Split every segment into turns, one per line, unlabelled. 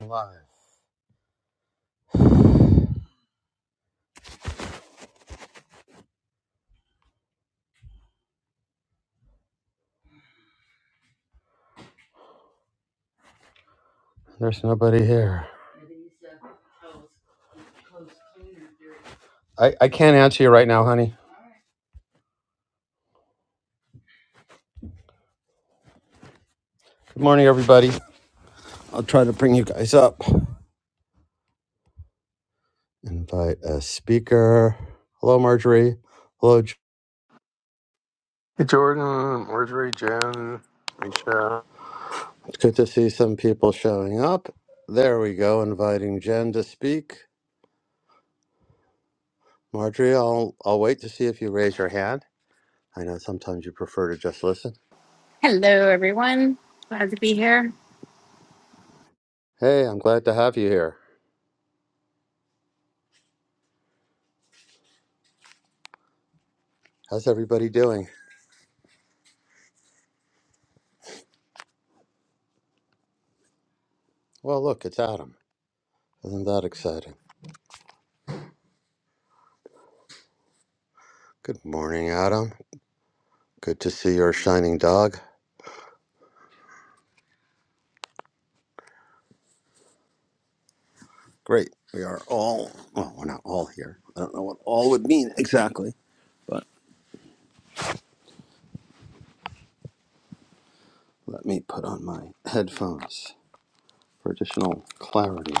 Live. There's nobody here. I, I can't answer you right now, honey. Good morning, everybody. I'll try to bring you guys up. Invite a speaker. Hello, Marjorie. Hello. J-
Hey, Jordan, Marjorie, Jen, Misha.
It's good to see some people showing up. There we go. Inviting Jen to speak. Marjorie, I'll I'll wait to see if you raise your hand. I know sometimes you prefer to just listen.
Hello, everyone. Glad to be here.
Hey, I'm glad to have you here. How's everybody doing? Well, look, it's Adam. Isn't that exciting? Good morning, Adam. Good to see your shining dog. Great. We are all, well, we're not all here. I don't know what all would mean exactly, but let me put on my headphones for additional clarity.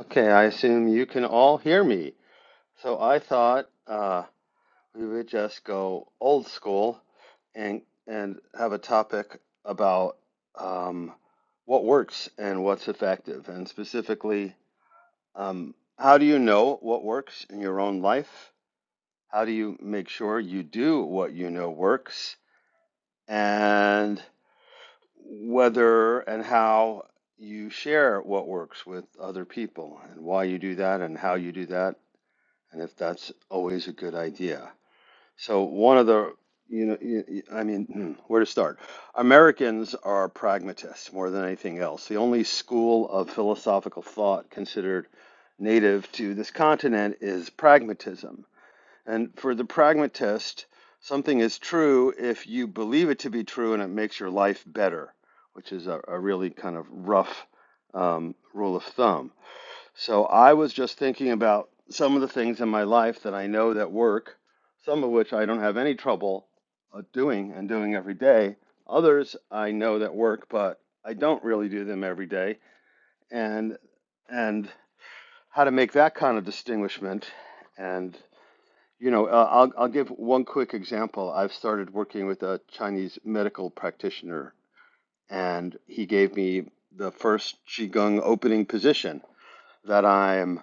Okay, I assume you can all hear me. So I thought uh, we would just go old school and and have a topic about um, what works and what's effective, and specifically, um, how do you know what works in your own life? How do you make sure you do what you know works and whether and how you share what works with other people and why you do that and how you do that and if that's always a good idea. So one of the you know, y- y- I mean, hmm, where to start? Americans are pragmatists more than anything else. The only school of philosophical thought considered native to this continent is pragmatism and for the pragmatist, something is true if you believe it to be true and it makes your life better, which is a, a really kind of rough um, rule of thumb. So I was just thinking about some of the things in my life that I know that work, some of which I don't have any trouble uh, doing and doing every day. Others I know that work, but I don't really do them every day. And and how to make that kind of distinguishment and you know, uh, I'll I'll give one quick example. I've started working with a Chinese medical practitioner, and he gave me the first qigong opening position that I'm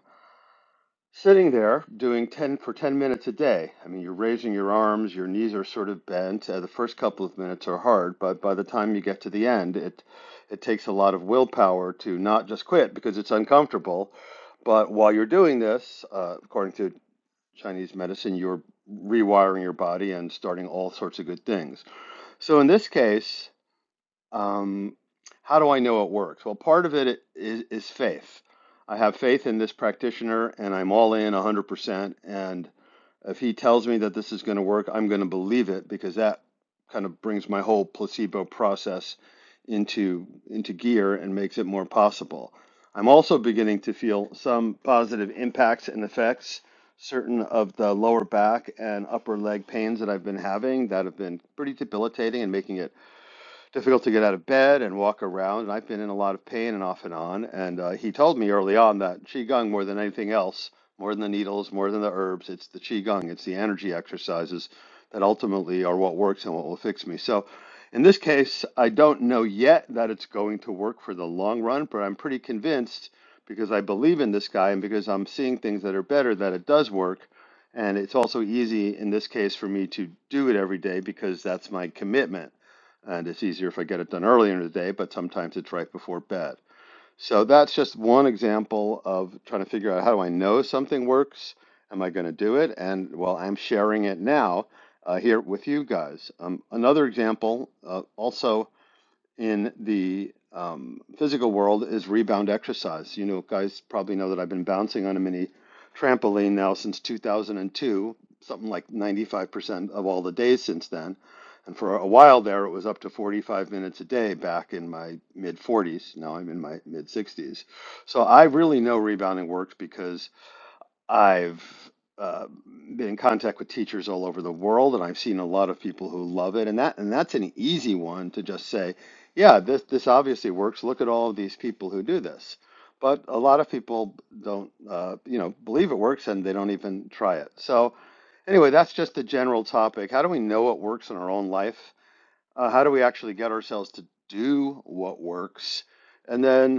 sitting there doing 10 for 10 minutes a day. I mean, you're raising your arms, your knees are sort of bent. Uh, the first couple of minutes are hard, but by the time you get to the end, it it takes a lot of willpower to not just quit because it's uncomfortable. But while you're doing this, uh, according to Chinese medicine, you're rewiring your body and starting all sorts of good things. So in this case, um, how do I know it works? Well, part of it is, is faith. I have faith in this practitioner and I'm all in 100%. And if he tells me that this is going to work, I'm going to believe it because that kind of brings my whole placebo process into into gear and makes it more possible. I'm also beginning to feel some positive impacts and effects. Certain of the lower back and upper leg pains that I've been having that have been pretty debilitating and making it difficult to get out of bed and walk around. And I've been in a lot of pain and off and on. And uh, he told me early on that Qigong, more than anything else, more than the needles, more than the herbs, it's the Qigong, it's the energy exercises that ultimately are what works and what will fix me. So in this case, I don't know yet that it's going to work for the long run, but I'm pretty convinced because I believe in this guy and because I'm seeing things that are better that it does work. And it's also easy in this case for me to do it every day because that's my commitment and it's easier if I get it done earlier in the day, but sometimes it's right before bed. So that's just one example of trying to figure out how do I know something works? Am I going to do it? And well, I'm sharing it now uh, here with you guys. Um, another example, uh, also in the um, physical world is rebound exercise. You know, guys probably know that I've been bouncing on a mini trampoline now since 2002, something like 95% of all the days since then. And for a while there, it was up to 45 minutes a day back in my mid 40s. Now I'm in my mid 60s. So I really know rebounding works because I've uh, been in contact with teachers all over the world, and I've seen a lot of people who love it, and that and that's an easy one to just say, yeah, this this obviously works. Look at all of these people who do this. But a lot of people don't, uh, you know, believe it works and they don't even try it. So anyway, that's just a general topic. How do we know what works in our own life? Uh, how do we actually get ourselves to do what works? And then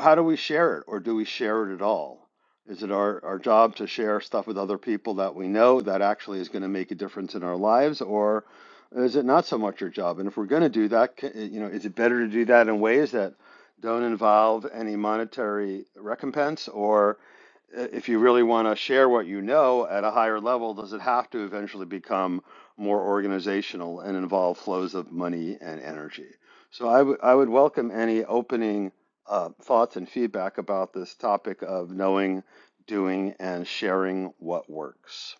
how do we share it or do we share it at all? Is it our, our job to share stuff with other people that we know that actually is going to make a difference in our lives or is it not so much your job? And if we're going to do that, ca- eh, you know, is it better to do that in ways that don't involve any monetary recompense or uh, if you really want to share what you know at a higher level, does it have to eventually become more organizational and involve flows of money and energy? So I would I would welcome any opening uh, thoughts and feedback about this topic of knowing, doing, and sharing what works.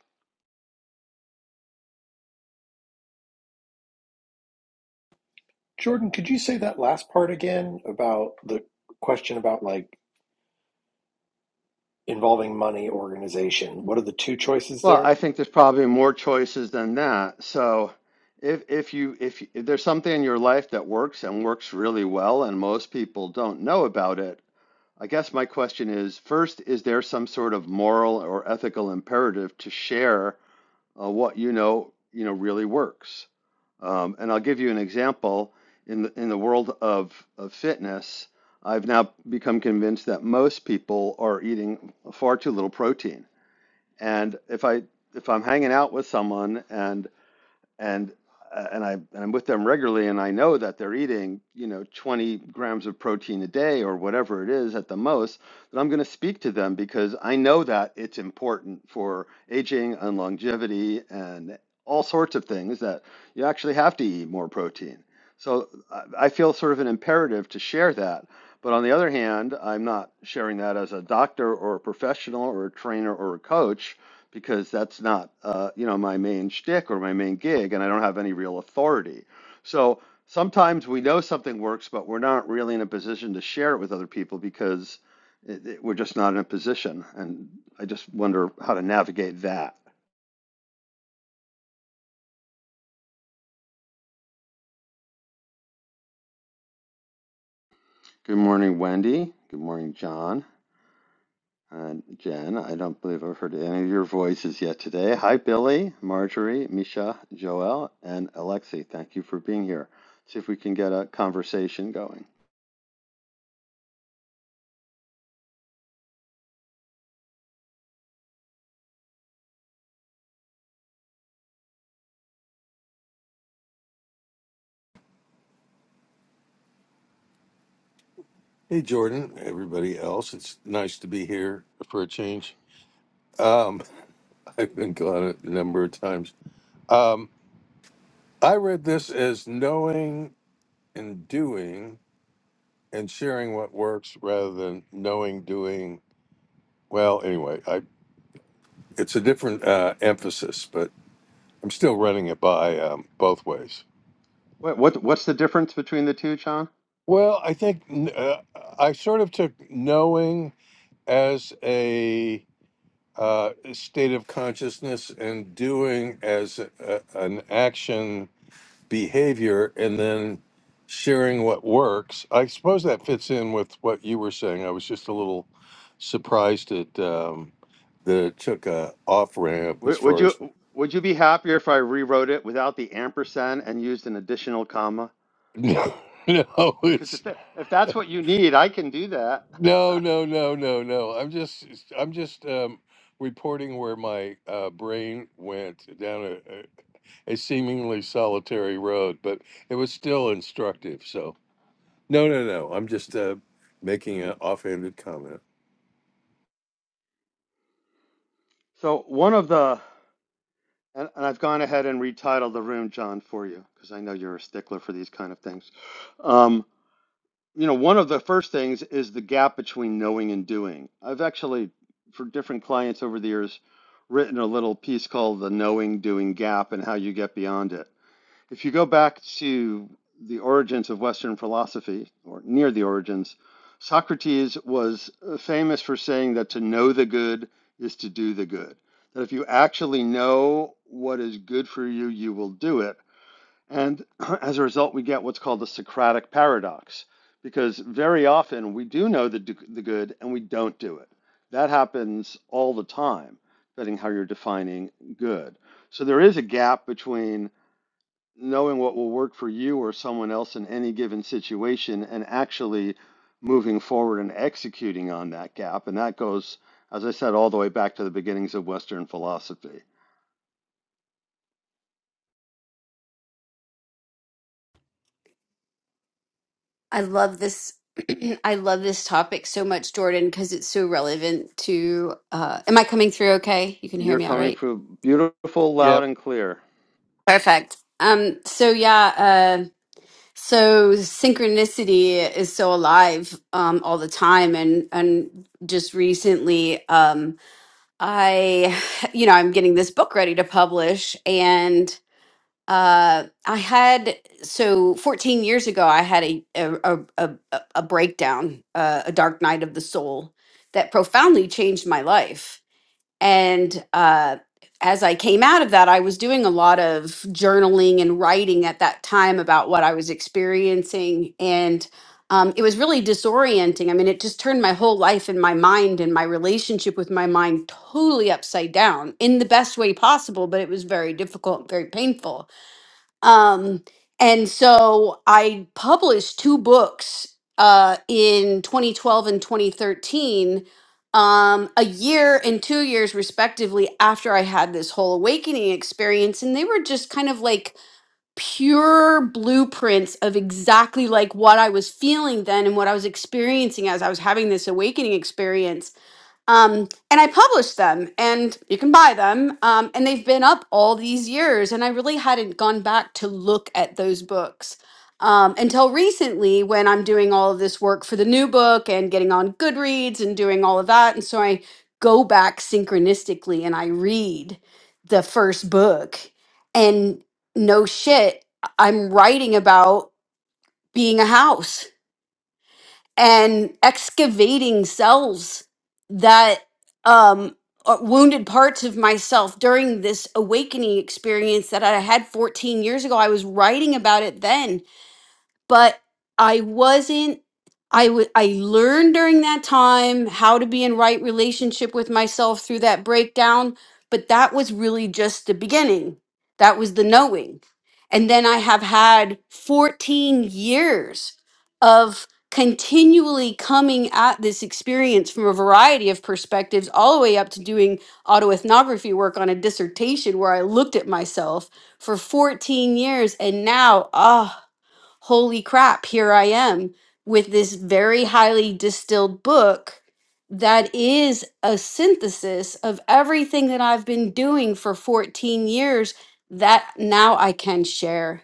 Jordan, could you say that last part again about the question about like involving money organization? What are the two choices
Well,
there?
I think there's probably more choices than that. So, if if you if, you- if there's something in your life that works and works really well, and most people don't know about it, I guess my question is: first, is there some sort of moral or ethical imperative to share uh, what you know, you know, really works. Um, and I'll give you an example. In the, in the world of, of fitness, I've now become convinced that most people are eating far too little protein. And if I if I'm hanging out with someone and and uh, and I and I'm with them regularly, and I know that they're eating, you know, 20 grams of protein a day or whatever it is at the most, that I'm going to speak to them because I know that it's important for aging and longevity and all sorts of things that you actually have to eat more protein. So I I feel sort of an imperative to share that. But on the other hand, I'm not sharing that as a doctor or a professional or a trainer or a coach because that's not uh, you know my main shtick or my main gig, and I don't have any real authority. So sometimes we know something works, but we're not really in a position to share it with other people because it, it- we're just not in a position. And I just wonder how to navigate that. Good morning, Wendy. Good morning, John. And Jen, I don't believe I've heard any of your voices yet today. Hi, Billy, Marjorie, Misha, Joel, and Alexi. Thank you for being here. See if we can get a conversation going.
Hey, Jordan, everybody else. It's nice to be here for a change. Um, I've been gone a number of times. Um, I read this as knowing and doing and sharing what works rather than knowing, doing. Well, anyway, I it's a different uh, emphasis, but I'm still running it by um, both ways.
What what what's the difference between the two, John?
Well, I think uh, I sort of took knowing as a uh, state of consciousness and doing as a, an action behavior and then sharing what works. I suppose that fits in with what you were saying. I was just a little surprised at um, that it took a off ramp as
Would would
far
you
as
would you be happier if I rewrote it without the ampersand and used an additional comma?
no, no,
Because
it's
if that, if that's what you need, I can do that.
no, no, no, no, no. I'm just, I'm just um, reporting where my uh, brain went down a seemingly solitary road, but it was still instructive. So, no, no, no. I'm just uh, making an offhanded comment.
So one of the And, and I've gone ahead and retitled the room, John, for you, because I know you're a stickler for these kind of things. Um, you know, one of the first things is the gap between knowing and doing. I've actually, for different clients over the years, written a little piece called The Knowing Doing Gap and how you get beyond it. If you go back to the origins of Western philosophy, or near the origins, Socrates was uh, famous for saying that to know the good is to do the good. That if you actually know what is good for you, you will do it. And as a result, we get what's called the Socratic paradox, because very often we do know the, the good and we don't do it. That happens all the time, depending how you're defining good. So there is a gap between knowing what will work for you or someone else in any given situation and actually moving forward and executing on that gap. And that goes, as I said, all the way back to the beginnings of Western philosophy.
I love this. I love this topic so much, Jordan, because it's so relevant to. Uh, am I coming through okay? You can hear
You're
me all
coming
right?
through beautiful, loud,
Yep.
and clear.
Perfect. Um, so yeah, uh, so synchronicity is so alive um, all the time, and and just recently, um, I, you know, I'm getting this book ready to publish, and. Uh, I had so 14 years ago, I had a a a, a, a a breakdown, uh, a dark night of the soul that profoundly changed my life. And uh, as I came out of that, I was doing a lot of journaling and writing at that time about what I was experiencing, and um, it was really disorienting. I mean, it just turned my whole life and my mind and my relationship with my mind totally upside down in the best way possible, but it was very difficult, very painful um, and so I published two books uh, in 2012 and 2013, um, a year and two years respectively after I had this whole awakening experience. And they were just kind of like pure blueprints of exactly like what I was feeling then and what I was experiencing as I was having this awakening experience um, and I published them, and you can buy them. Um, and they've been up all these years, and I really hadn't gone back to look at those books um, until recently when I'm doing all of this work for the new book and getting on Goodreads and doing all of that. And so I go back synchronistically and I read the first book, and no shit, I'm writing about being a house and excavating selves that um uh, wounded parts of myself during this awakening experience that I had 14 years ago. I was writing about it then but I wasn't I would I learned during that time how to be in right relationship with myself through that breakdown, but that was really just the beginning. That was the knowing. And then I have had 14 years of continually coming at this experience from a variety of perspectives all the way up to doing autoethnography work on a dissertation where I looked at myself for 14 years and now ah holy crap, here I am with this very highly distilled book that is a synthesis of everything that I've been doing for 14 years that now I can share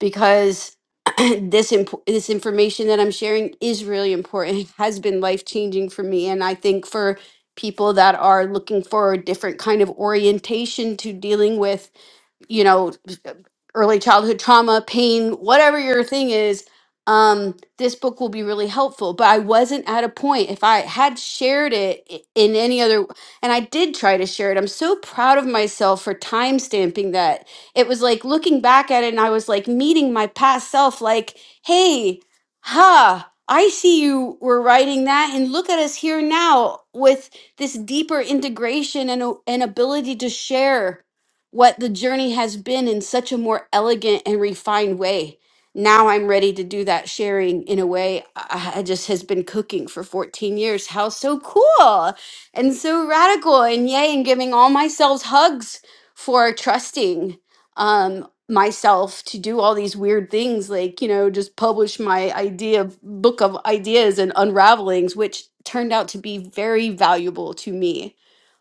because this imp- this information that I'm sharing is really important. It has been life changing for me, and I think for people that are looking for a different kind of orientation to dealing with you know, early childhood trauma, pain, whatever your thing is, um, this book will be really helpful. But I wasn't at a point. If I had shared it i- in any other, and I did try to share it, I'm so proud of myself for time stamping that. It was like looking back at it, and I was like meeting my past self, like, hey, ha. I see you were writing that, and look at us here now with this deeper integration and, a- and ability to share what the journey has been in such a more elegant and refined way. Now I'm ready to do that sharing in a way I I just has been cooking for 14 years. How so cool and so radical and yay and giving all myself hugs for trusting um myself to do all these weird things like you know just publish my idea book of ideas and unravelings which turned out to be very valuable to me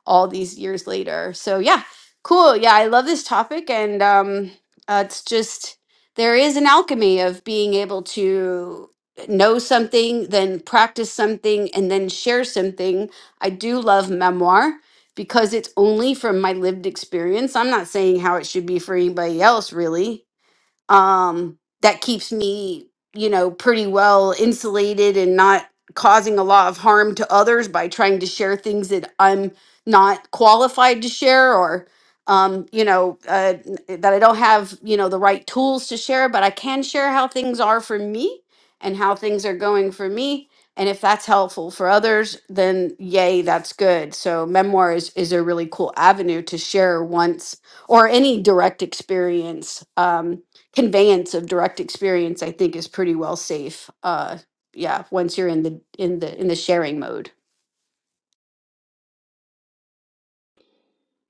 all these years later so yeah Cool. Yeah, I love this topic, and um, uh, it's just there is an alchemy of being able to know something, then practice something, and then share something. I do love memoir because it's only from my lived experience. I'm not saying how it should be for anybody else, really um, that keeps me, you know, pretty well insulated and not causing a lot of harm to others by trying to share things that I'm not qualified to share or, um, you know, uh, n- that I don't have, you know, the right tools to share, but I can share how things are for me and how things are going for me. And if that's helpful for others, then yay, that's good. So memoir is, is a really cool avenue to share once or any direct experience. Um, conveyance of direct experience i think is pretty well safe uh yeah once you're in the in the in the sharing mode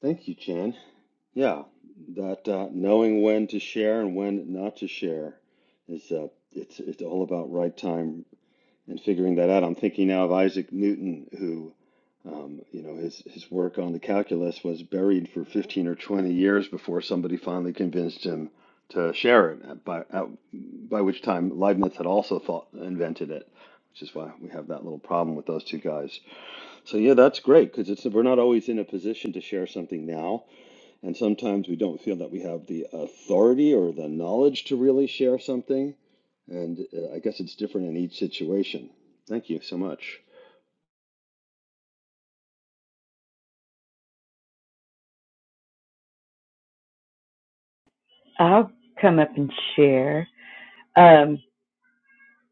Thank you, Chan. Yeah, that uh, knowing when to share and when not to share is uh, it's it's all about right time, and figuring that out. I'm thinking now of Isaac Newton, who, um, you know, his his work on the calculus was buried for 15 or 20 years before somebody finally convinced him to share it. uh, By uh, by which time Leibniz had also thought invented it, which is why we have that little problem with those two guys. So yeah, that's great because it's we're not always in a position to share something now. And sometimes we don't feel that we have the authority or the knowledge to really share something. And uh, I guess it's different in each situation. Thank you so much.
I'll come up and share. Um,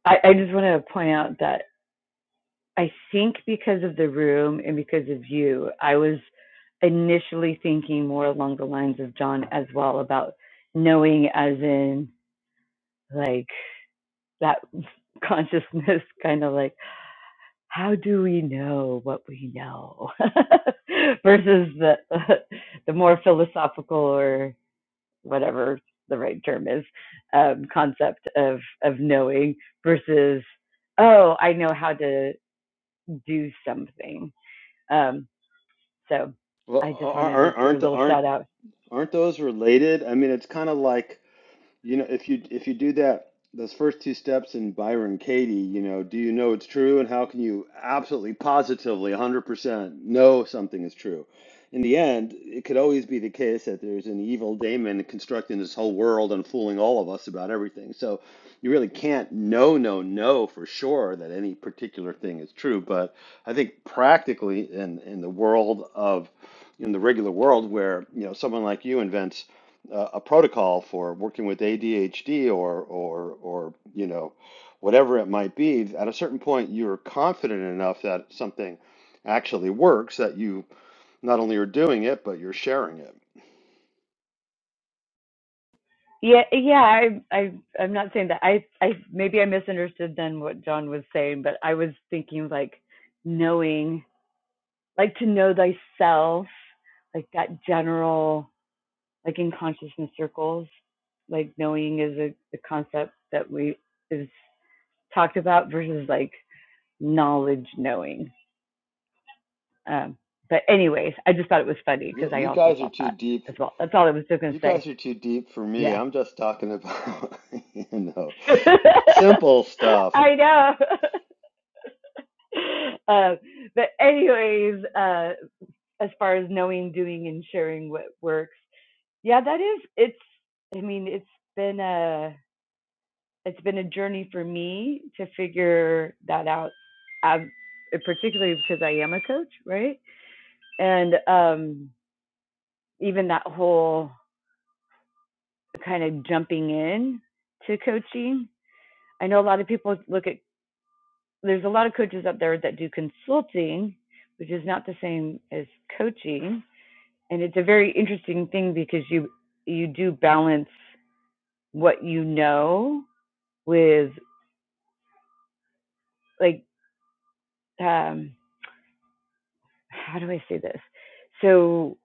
I, I just want to point out that I think because of the room and because of you, I was initially thinking more along the lines of John as well about knowing, as in like that consciousness, kind of like how do we know what we know versus the the more philosophical or whatever the right term is um, concept of of knowing versus oh I know how to do something. Um, so
Well,
I just
are-
wanted to
aren't
do a
aren't
little
aren't
shout out.
aren't those related? I mean, it's kind of like You know, if you if you do that, those first two steps in Byron Katie, you know, do you know it's true, and how can you absolutely, positively, 100% know something is true? In the end, it could always be the case that there's an evil daemon constructing this whole world and fooling all of us about everything. So you really can't know, know, know for sure that any particular thing is true. But I think practically in in the world of in the regular world where you know someone like you invents a, a protocol for working with ADHD or or or you know whatever it might be, at a certain point you're confident enough that something actually works that you not only are doing it but you're sharing it.
Yeah, yeah. I, I, I'm not saying that. I, I maybe I misunderstood then what John was saying, but I was thinking like knowing, like to know thyself, like that general, like in consciousness circles, like knowing is a, a concept that we is talked about versus like knowledge knowing. Um, but anyways, I just thought it was funny
You,
because I
you
also
guys are
thought
too
that
deep.
as well. That's all I was just gonna
You
say.
guys are too deep for me.
Yeah,
I'm just talking about you know simple stuff.
I know. uh, but anyways, uh, as far as knowing, doing, and sharing what works, yeah, that is. It's. I mean, it's been a it's been a journey for me to figure that out. i particularly because I am a coach, right? And um, even that whole kind of jumping in to coaching. I know a lot of people look at there's a lot of coaches out there that do consulting, which is not the same as coaching. And it's a very interesting thing because you you do balance what you know with like um how do I say this? So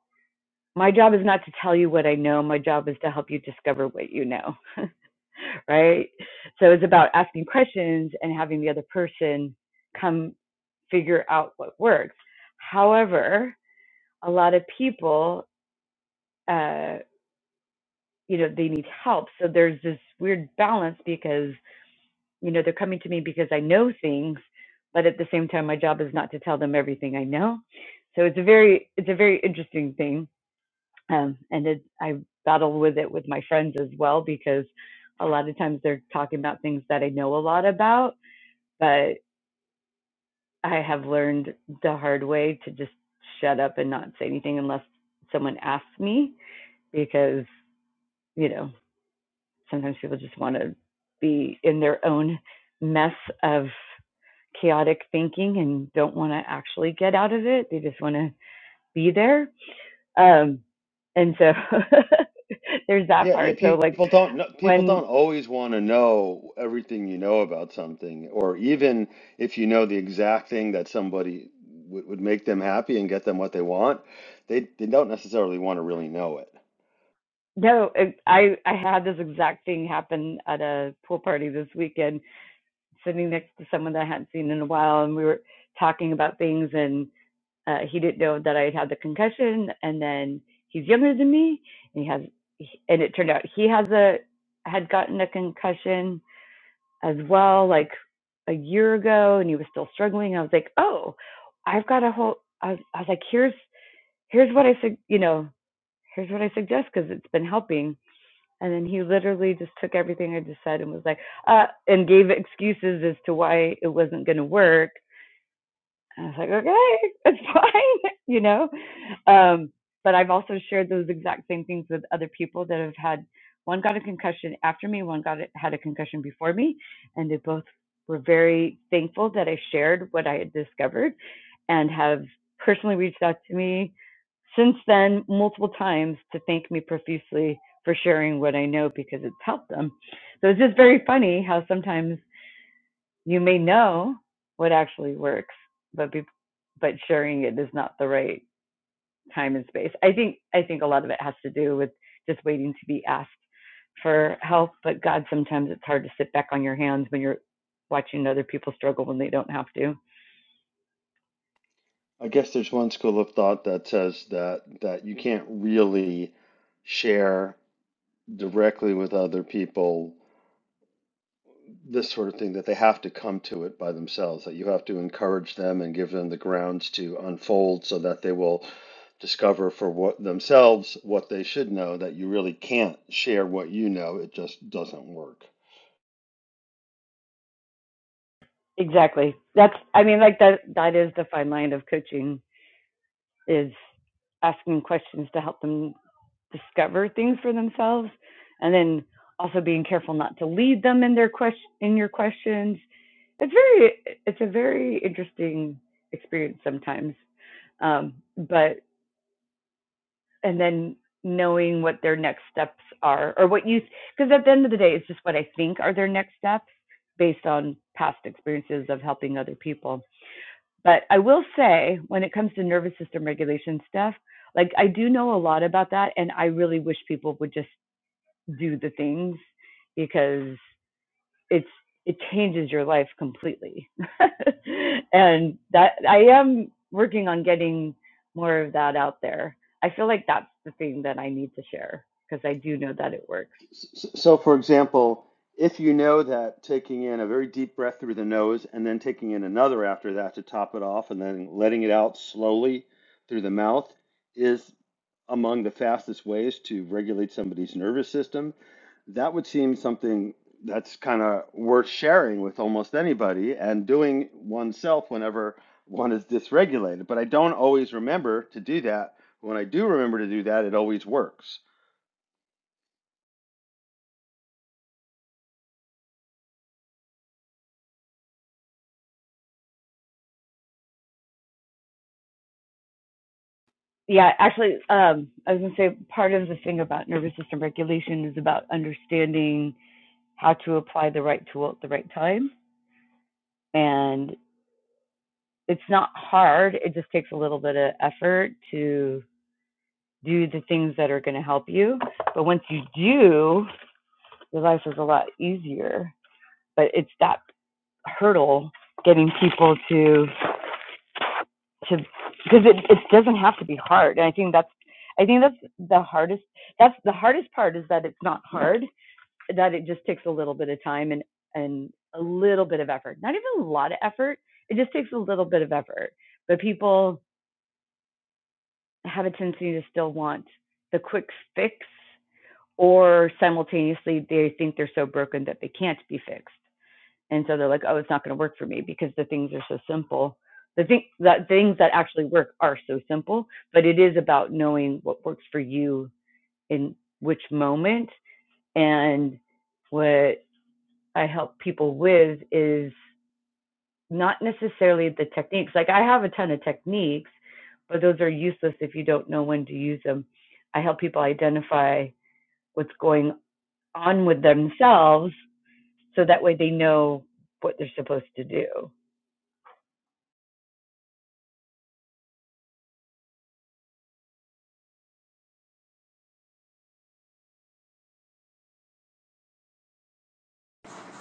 my job is not to tell you what I know, my job is to help you discover what you know. right? So it's about asking questions and having the other person come figure out what works. However, a lot of people, uh, you know, they need help. So there's this weird balance because, you know, they're coming to me because I know things, but at the same time, my job is not to tell them everything I know. So it's a very, it's a very interesting thing. Um, and it, I battle with it with my friends as well because a lot of times they're talking about things that I know a lot about but I have learned the hard way to just shut up and not say anything unless someone asks me because, you know, sometimes people just want to be in their own mess of chaotic thinking and don't want to actually get out of it. They just want to be there. Um, and so there's that
Yeah, yeah,
part. So like
people don't know, people
when
don't always want to know everything you know about something, or even if you know the exact thing that somebody would would make them happy and get them what they want, they they don't necessarily want to really know it.
no, I I had this exact thing happen at a pool party this weekend sitting next to someone that I hadn't seen in a while, and we were talking about things, and uh, he didn't know that I had had the concussion, and then he's younger than me, and he has, and it turned out he has a had gotten a concussion as well, like a year ago, and he was still struggling. I was like, oh, I've got a whole. I was, I was like, here's here's what I said, you know, here's what I suggest because it's been helping. And then he literally just took everything I just said and was like, uh, and gave excuses as to why it wasn't going to work. I was like, okay, it's fine, you know. Um, but I've also shared those exact same things with other people that have had one got a concussion after me, one got had a concussion before me, and they both were very thankful that I shared what I had discovered, and have personally reached out to me since then multiple times to thank me profusely for sharing what I know because it's helped them. So it's just very funny how sometimes you may know what actually works, but be, but sharing it is not the right time and space. I think I think a lot of it has to do with just waiting to be asked for help. But God, sometimes it's hard to sit back on your hands when you're watching other people struggle when they don't have to.
I guess there's one school of thought that says that that you can't really share directly with other people this sort of thing that they have to come to it by themselves that you have to encourage them and give them the grounds to unfold so that they will discover for what themselves what they should know that you really can't share what you know it just doesn't work
Exactly. That's I mean like that that is the fine line of coaching is asking questions to help them discover things for themselves and then also being careful not to lead them in their question in your questions It's very, it's a very interesting experience sometimes. Um, but, and then knowing what their next steps are or what you, because at the end of the day, it's just what I think are their next steps based on past experiences of helping other people. But I will say, when it comes to nervous system regulation stuff, like I do know a lot about that. And I really wish people would just do the things because it's it changes your life completely. and that I am working on getting more of that out there. I feel like that's the thing that I need to share because I do know that it works.
So, for example, if you know that taking in a very deep breath through the nose and then taking in another after that to top it off and then letting it out slowly through the mouth is among the fastest ways to regulate somebody's nervous system, that would seem something that's kind of worth sharing with almost anybody and doing oneself whenever one is dysregulated. But I don't always remember to do that. When I do remember to do that, it always works.
Yeah, actually, um, I was gonna say part of the thing about nervous system regulation is about understanding how to apply the right tool at the right time. And it's not hard, it just takes a little bit of effort to do the things that are gonna help you. But once you do, your life is a lot easier. But it's that hurdle getting people to to because it, it doesn't have to be hard. And I think that's I think that's the hardest that's the hardest part is that it's not hard, that it just takes a little bit of time and and a little bit of effort. Not even a lot of effort. It just takes a little bit of effort. But people have a tendency to still want the quick fix or simultaneously they think they're so broken that they can't be fixed. and so they're like oh it's not going to work for me because the things are so simple the thing that things that actually work are so simple but it is about knowing what works for you in which moment and what i help people with is not necessarily the techniques like i have a ton of techniques but those are useless if you don't know when to use them i help people identify what's going on with themselves so that way they know what they're supposed to do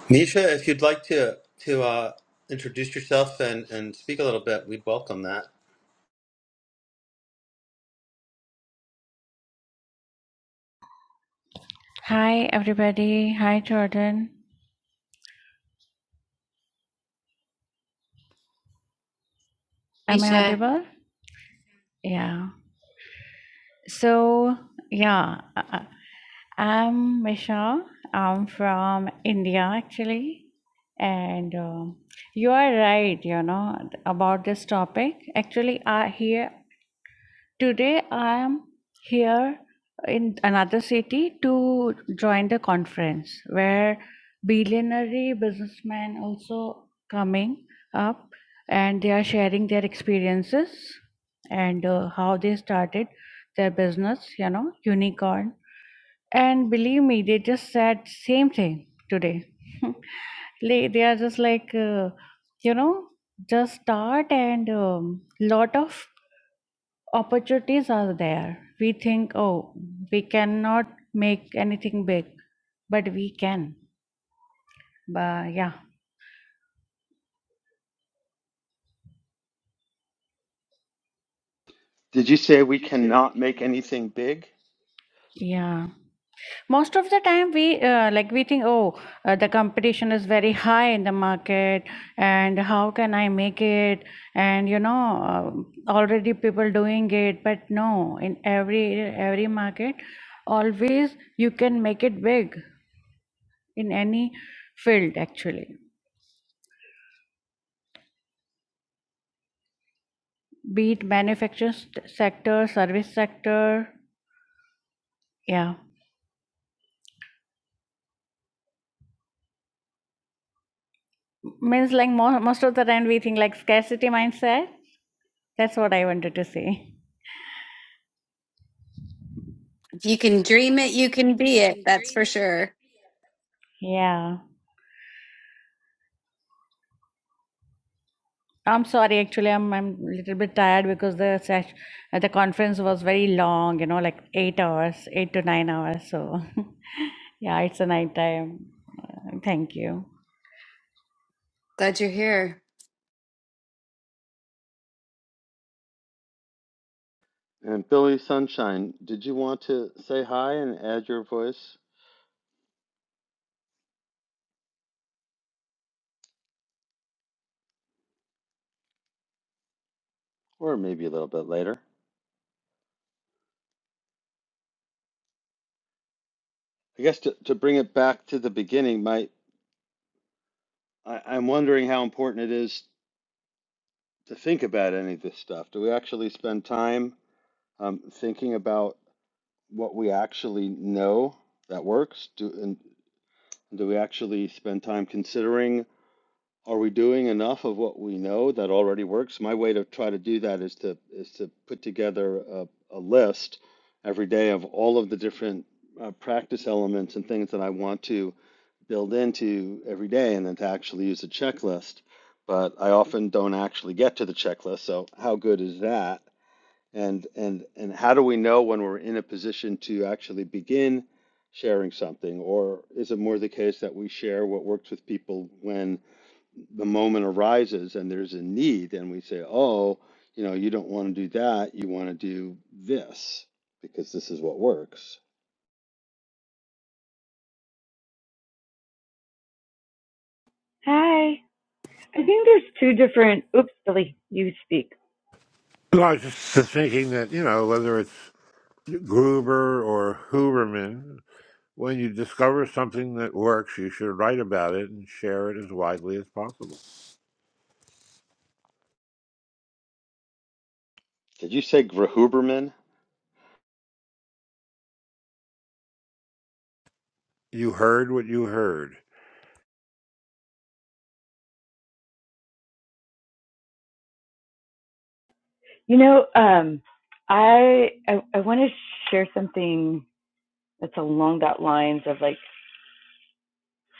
Nisha, if you'd like to to uh, introduce yourself and, and speak a little bit, we'd welcome that.
Hi, everybody. Hi, Jordan. Am I
Misha,
audible? Yeah. So, yeah, uh, uh, I'm Misha. I'm from India, actually. And uh, you are right, you know, about this topic. Actually, I, here Today I am here in another city to join the conference where billionaire businessmen also coming up and they are sharing their experiences and uh, how they started their business, you know, unicorn. And believe me, they just said same thing today. Like, they are just like, uh, you know, just start and um, lot of opportunities are there. We think, oh, we cannot make anything big, but we can. But yeah,
Did you say we cannot make anything big?
yeah. Most of the time, we uh, like we think, oh, uh, the competition is very high in the market, and how can I make it? And you know, uh, already people doing it. But no, in every every market, always you can make it big in any field actually. be it manufacturing st- sector, service sector. Yeah. Means like mo- most of the time we think like scarcity mindset. That's what I wanted to say.
if you can dream it, you can be it. That's for sure.
Yeah. I'm sorry, actually, I'm I'm a little bit tired because the sesh- uh, the conference was very long, you know, like eight hours, eight to nine hours. So, yeah, it's a night time. Uh, Thank you.
Glad you're here.
And Billy Sunshine, did you want to say hi and add your voice, or maybe a little bit later? I guess to, to bring it back to the beginning, my I, I'm wondering how important it is to think about any of this stuff. Do we actually spend time um, thinking about what we actually know that works? Do and do we actually spend time considering Are we doing enough of what we know that already works? My way to try to do that is to is to put together a, a list every day of all of the different uh, practice elements and things that I want to build into every day, and then to actually use a checklist. But I often don't actually get to the checklist, so how good is that? And and and how do we know when we're in a position to actually begin sharing something, or is it more the case that we share what works with people when? the moment arises and there's a need and we say oh you know you don't want to do that you want to do this because this is what works
Hi. I think there's two different. Oops, Billy, you speak.
Well, I was just thinking that, you know, whether it's Gruber or Huberman, when you discover something that works, you should write about it and share it as widely as possible.
did you say grahuberman
You heard what you heard.
You know, um, I I, I want to share something that's along that lines of like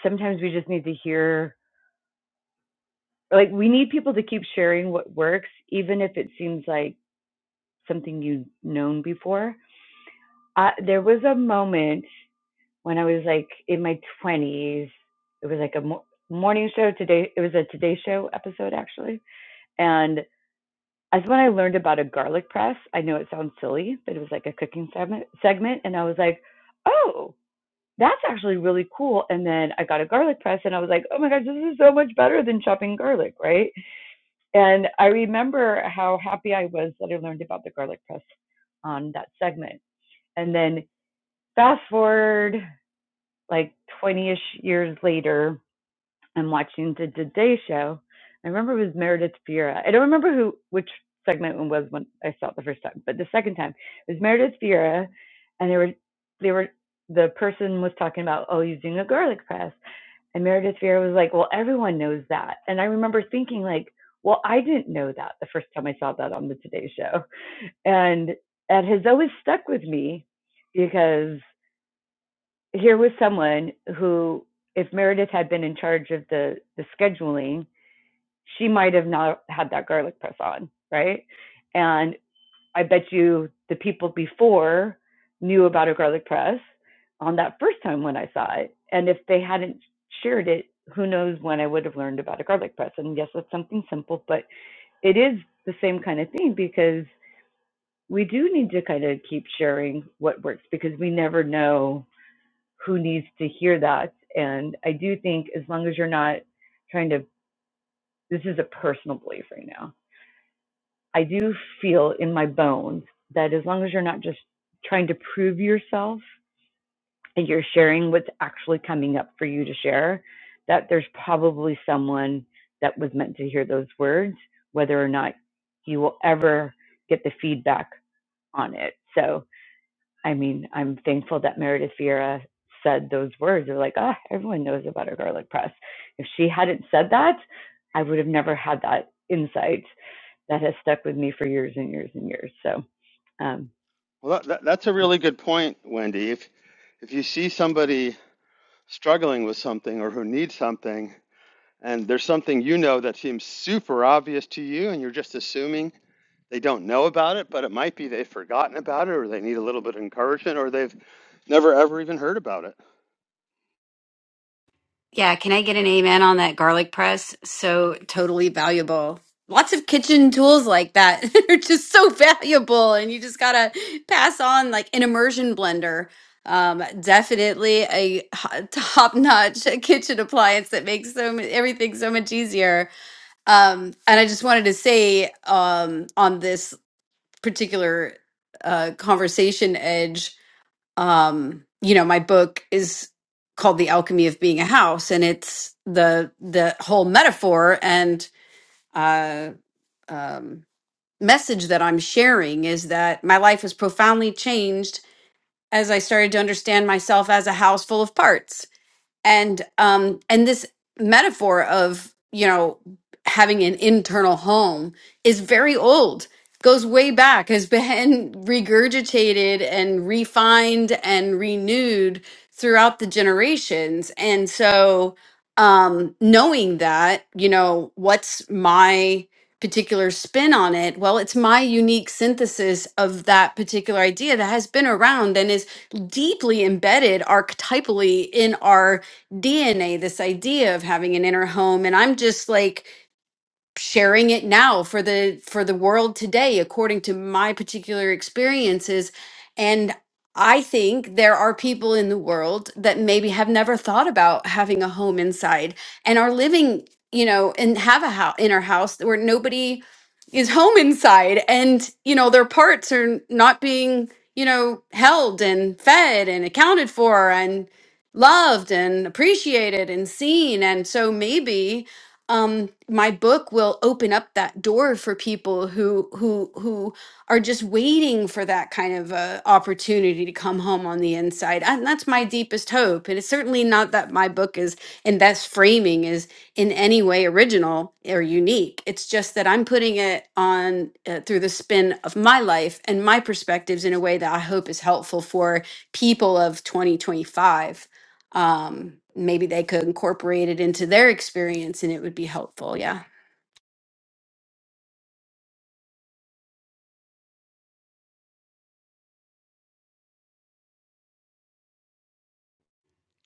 sometimes we just need to hear, like we need people to keep sharing what works, even if it seems like something you've known before. I, there was a moment when I was like in my twenties. It was like a mo- morning show today. It was a Today Show episode actually, and. As when I learned about a garlic press. I know it sounds silly, but it was like a cooking segment, segment, and I was like, "Oh, that's actually really cool." And then I got a garlic press, and I was like, "Oh my gosh, this is so much better than chopping garlic, right?" And I remember how happy I was that I learned about the garlic press on that segment. And then fast forward like 20ish years later, and watching the Today Show. I remember it was Meredith Vieira. I don't remember who which segment it was when I saw it the first time, but the second time it was Meredith Vieira, and they were they were the person was talking about oh using a garlic press, and Meredith Vieira was like, well everyone knows that, and I remember thinking like, well I didn't know that the first time I saw that on the Today Show, and that has always stuck with me because here was someone who if Meredith had been in charge of the the scheduling she might have not had that garlic press on, right? And I bet you the people before knew about a garlic press on that first time when I saw it. And if they hadn't shared it, who knows when I would have learned about a garlic press. And yes, it's something simple, but it is the same kind of thing because we do need to kind of keep sharing what works because we never know who needs to hear that. And I do think as long as you're not trying to, this is a personal belief right now I do feel in my bones that as long as you're not just trying to prove yourself and you're sharing what's actually coming up for you to share, that there's probably someone that was meant to hear those words, whether or not you will ever get the feedback on it. So, I mean, I'm thankful that Meredith Vieira said those words. They're like, oh, everyone knows about her garlic press. If she hadn't said that, I would have never had that insight that has stuck with me for years and years and years. So um,
well that, that, that's a really good point wendy if if you see somebody struggling with something or who needs something and there's something you know that seems super obvious to you and you're just assuming they don't know about it but it might be they've forgotten about it or they need a little bit of encouragement or they've never ever even heard about it
Yeah, can I get an amen on that garlic press? So totally valuable. Lots of kitchen tools like that are just so valuable, and you just gotta pass on like an immersion blender. Um, definitely a top notch kitchen appliance that makes so mu- everything so much easier. Um, and I just wanted to say um, on this particular uh, conversation edge, um, you know, my book is called "The Alchemy of Being a House," and it's the the whole metaphor and uh, um, message that I'm sharing is that my life was profoundly changed as I started to understand myself as a house full of parts and um and this metaphor of you know having an internal home is very old goes way back has been regurgitated and refined and renewed throughout the generations and so um knowing that you know what's my particular spin on it well it's my unique synthesis of that particular idea that has been around and is deeply embedded archetypally in our DNA, this idea of having an inner home. And I'm just like, sharing it now for the for the world today according to my particular experiences and i think there are people in the world that maybe have never thought about having a home inside and are living you know and have a house in our house where nobody is home inside and you know their parts are not being you know held and fed and accounted for and loved and appreciated and seen and so maybe um my book will open up that door for people who who who are just waiting for that kind of uh, opportunity to come home on the inside and that's my deepest hope and it's certainly not that my book is and that's framing is in any way original or unique it's just that i'm putting it on uh, through the spin of my life and my perspectives in a way that i hope is helpful for people of 2025 um, maybe they could incorporate it into their experience and it would be helpful. Yeah.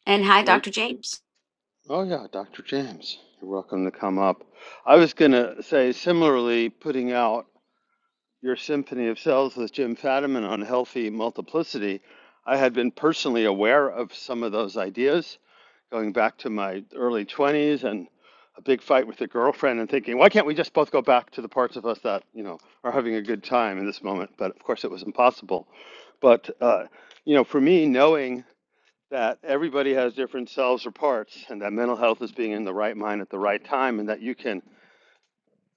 And hi,
you know
Dr. James.
Oh, yeah, Dr. James, you're welcome to come up. I was going to say, similarly, putting out your Symphony of Cells with Jim Fadiman on healthy multiplicity, I had been personally aware of some of those ideas going back to my early 20s and a big fight with a girlfriend and thinking, why can't we just both go back to the parts of us that, you know, are having a good time in this moment? But of course, it was impossible. But, uh, you know, for me, knowing that everybody has different selves or parts, and that mental health is being in the right mind at the right time, and that you can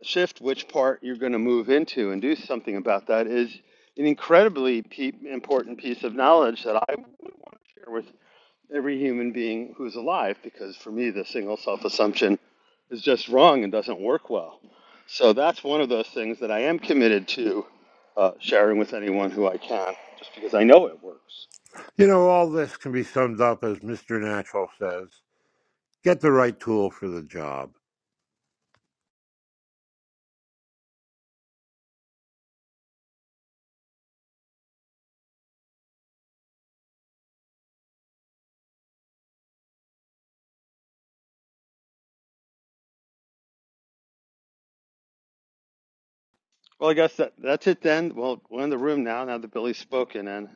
shift which part you're going to move into and do something about that is an incredibly pe- important piece of knowledge that I would want to share with every human being who's alive, because for me, the single self assumption is just wrong and doesn't work well. So that's one of those things that I am committed to uh, sharing with anyone who I can, just because I know it works.
You know, all this can be summed up as Mr. Natural says get the right tool for the job.
Well, I guess that that's it then. Well, we're in the room now. Now that Billy's spoken, and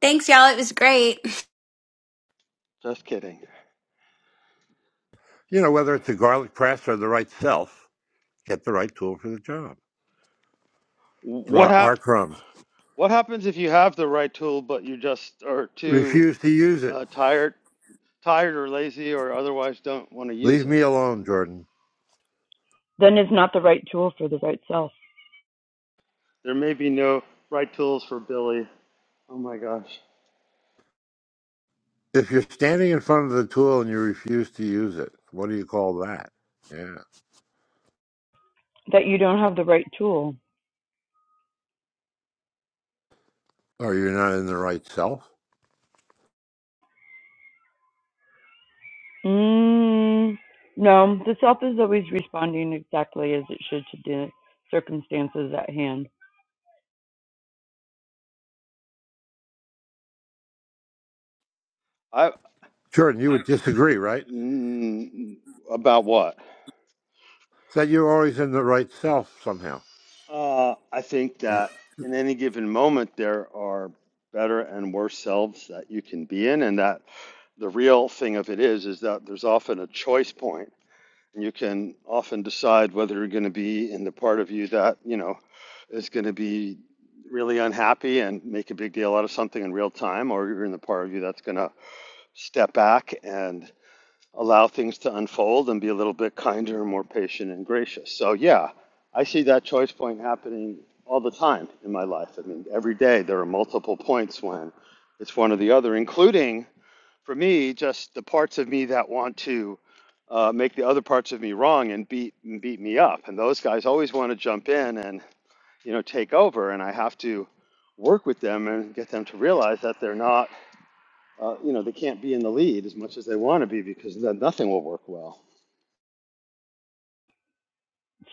Thanks, y'all. It was great.
just kidding.
You know, whether it's a garlic press or the right self, get the right tool for the job.
What
Ra- R.
hap-
Crumb,
What happens if you have the right tool, but you just are too
refuse to use it.
uh, tired, tired or lazy, or otherwise don't want to use
Leave
it?
me alone, Jordan.
then it's not the right tool for the right self.
There may be no right tools for Billy. Oh my gosh.
If you're standing in front of the tool and you refuse to use it, what do you call that? Yeah.
That you don't have the right tool.
Or you're not in the right self?
Mm, no, the self is always responding exactly as it should to the circumstances at hand.
I
Jordan, you would disagree, right?
mm, about what?
That you're always in the right self somehow.
Uh, I think that in any given moment, there are better and worse selves that you can be in, and that the real thing of it is, is that there's often a choice point, and you can often decide whether you're going to be in the part of you that you know is going to be really unhappy and make a big deal out of something in real time, or you're in the part of you that's going to step back and allow things to unfold and be a little bit kinder and more patient and gracious. So, yeah, I see that choice point happening all the time in my life. I mean, every day there are multiple points when it's one or the other, including for me, just the parts of me that want to uh, make the other parts of me wrong and beat and beat me up. And those guys always want to jump in and you know take over, and I have to work with them and get them to realize that they're not uh, you know, they can't be in the lead as much as they want to be because then nothing will work well.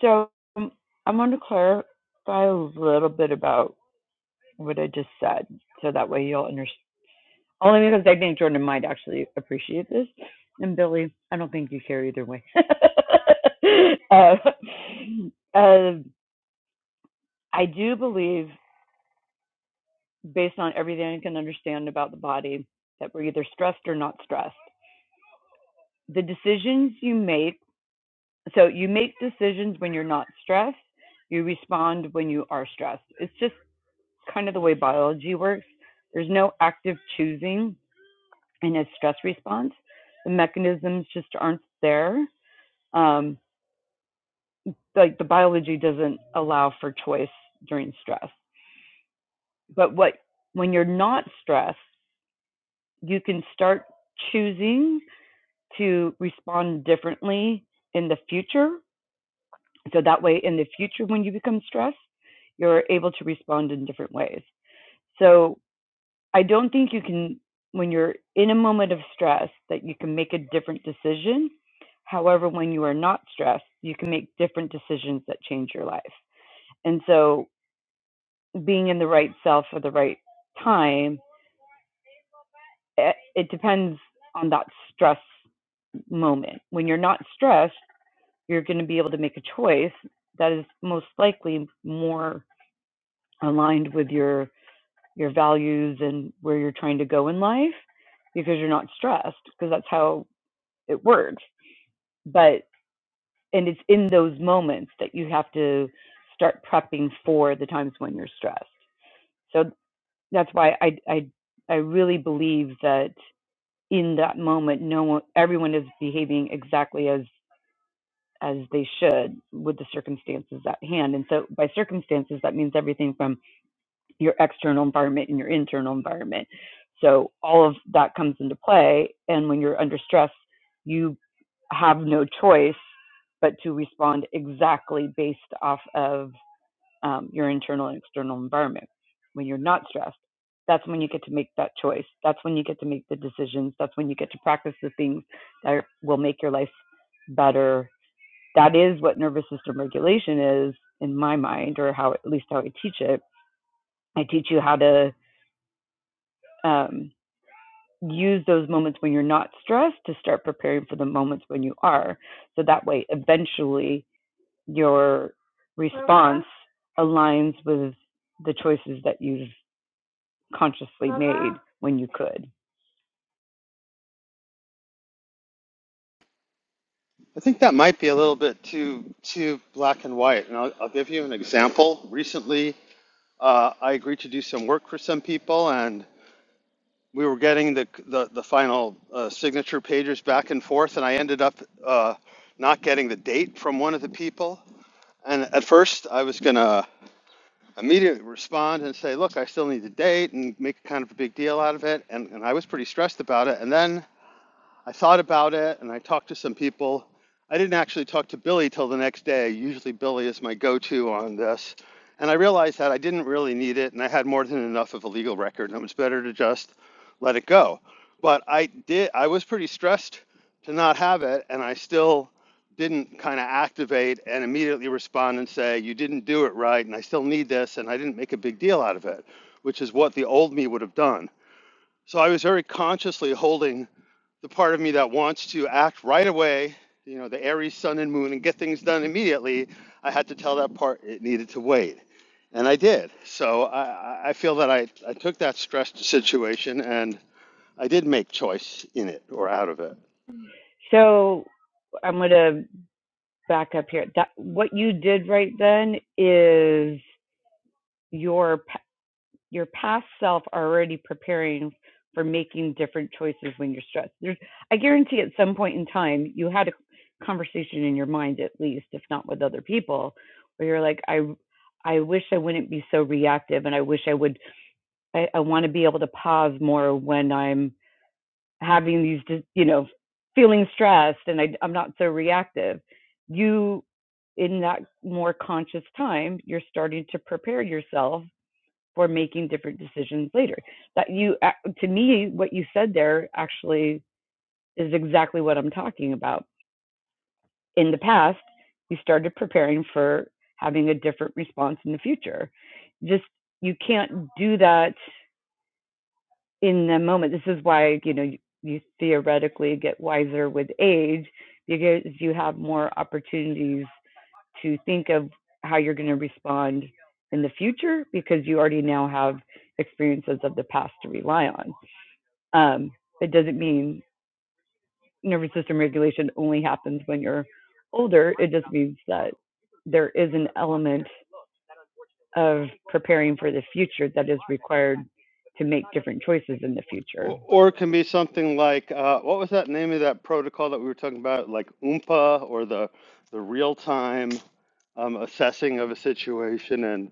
So um, I want to clarify a little bit about what I just said, so that way you'll understand. Only because I think Jordan might actually appreciate this. And Billy, I don't think you care either way. uh, uh, I do believe, based on everything I can understand about the body, that we're either stressed or not stressed. The decisions you make so you make decisions when you're not stressed, you respond when you are stressed. It's just kind of the way biology works. There's no active choosing in a stress response, the mechanisms just aren't there. um, like the biology doesn't allow for choice during stress. But what when you're not stressed, you can start choosing to respond differently in the future. So that way, in the future, when you become stressed, you're able to respond in different ways. So I don't think you can, when you're in a moment of stress, that you can make a different decision. However, when you are not stressed, you can make different decisions that change your life. And so being in the right self at the right time, it, it depends on that stress moment. When you're not stressed, you're going to be able to make a choice that is most likely more aligned with your your values and where you're trying to go in life because you're not stressed because that's how it works. But and it's in those moments that you have to start prepping for the times when you're stressed. So that's why I I I really believe that in that moment no one everyone is behaving exactly as as they should with the circumstances at hand and so by circumstances that means everything from your external environment and your internal environment so all of that comes into play and when you're under stress you have no choice but to respond exactly based off of um, your internal and external environment. When you're not stressed, that's when you get to make that choice. That's when you get to make the decisions. That's when you get to practice the things that will make your life better. That is what nervous system regulation is, in my mind, or how at least how I teach it. I teach you how to um, use those moments when you're not stressed to start preparing for the moments when you are. So that way, eventually, your response aligns with the choices that you've consciously made when you could.
I think that might be a little bit too too black and white, and I'll, I'll give you an example. Recently, uh, I agreed to do some work for some people, and we were getting the the, the final uh, signature pages back and forth, and I ended up uh, not getting the date from one of the people. And at first, I was gonna immediately respond and say, "Look, I still need the date," and make kind of a big deal out of it, and, and I was pretty stressed about it. And then I thought about it and I talked to some people. I didn't actually talk to Billy till the next day. Usually, Billy is my go to on this. And I realized that I didn't really need it and I had more than enough of a legal record and it was better to just let it go. But I did, I was pretty stressed to not have it and I still didn't kind of activate and immediately respond and say, You didn't do it right and I still need this and I didn't make a big deal out of it, which is what the old me would have done. So I was very consciously holding the part of me that wants to act right away, you know, the Aries sun and moon and get things done immediately. I had to tell that part it needed to wait. And I did. So I, I feel that I, I took that stressed situation and I did make choice in it or out of it.
So I'm going to back up here. That what you did right then is your your past self already preparing for making different choices when you're stressed. There's, I guarantee at some point in time you had a conversation in your mind at least, if not with other people, where you're like, I I wish I wouldn't be so reactive, and I wish I would. I, I want to be able to pause more when I'm having these you know feeling stressed and I, i'm not so reactive you in that more conscious time you're starting to prepare yourself for making different decisions later that you to me what you said there actually is exactly what i'm talking about in the past you started preparing for having a different response in the future just you can't do that in the moment. This is why, you know, you, you theoretically get wiser with age because you have more opportunities to think of how you're going to respond in the future because you already now have experiences of the past to rely on. Um, it doesn't mean nervous system regulation only happens when you're older. It just means that there is an element of preparing for the future that is required to make different choices in the future.
Or, or it can be something like uh, what was that name of that protocol that we were talking about, like Oompa or the the real time um, assessing of a situation and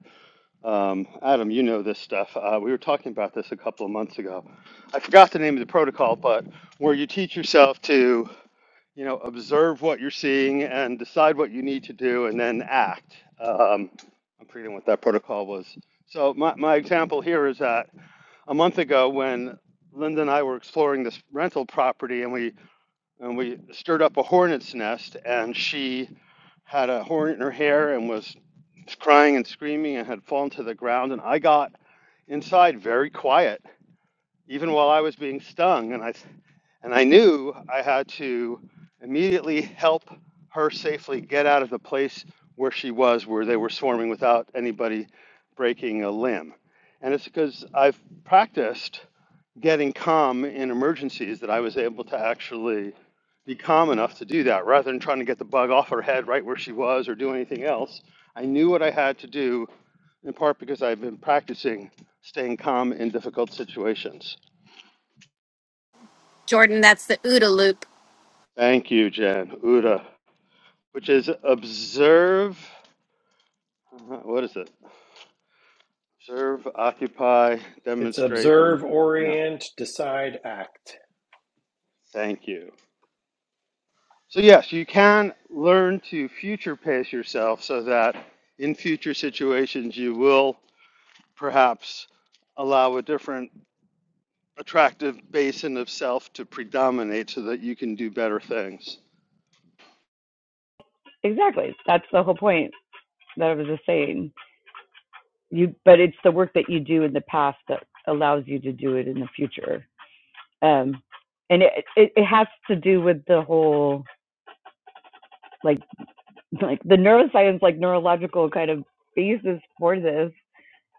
Um, Adam, you know this stuff. Uh, we were talking about this a couple of months ago. I forgot the name of the protocol, but where you teach yourself to, you know, observe what you're seeing and decide what you need to do and then act. Um, I'm forgetting what that protocol was. So my, my example here is that a month ago when Linda and I were exploring this rental property and we and we stirred up a hornet's nest and she had a horn in her hair and was crying and screaming and had fallen to the ground. And I got inside very quiet, even while I was being stung. And I, and I knew I had to immediately help her safely get out of the place where she was, where they were swarming without anybody breaking a limb. And it's because I've practiced getting calm in emergencies that I was able to actually be calm enough to do that rather than trying to get the bug off her head right where she was or do anything else. I knew what I had to do in part because I've been practicing staying calm in difficult situations.
Jordan, that's the OODA loop.
Thank you, Jen. Uda, which is observe. uh, What is it? Observe, occupy,
It's
demonstrate,
observe,
and no.
orient, decide, act.
Thank you. So yes, you can learn to future pace yourself so that in future situations you will perhaps allow a different attractive basin of self to predominate so that you can do better things.
Exactly. That's the whole point that I was just saying. You, but it's the work that you do in the past that allows you to do it in the future. Um, and it, it it has to do with the whole like like the neuroscience like neurological kind of basis for this.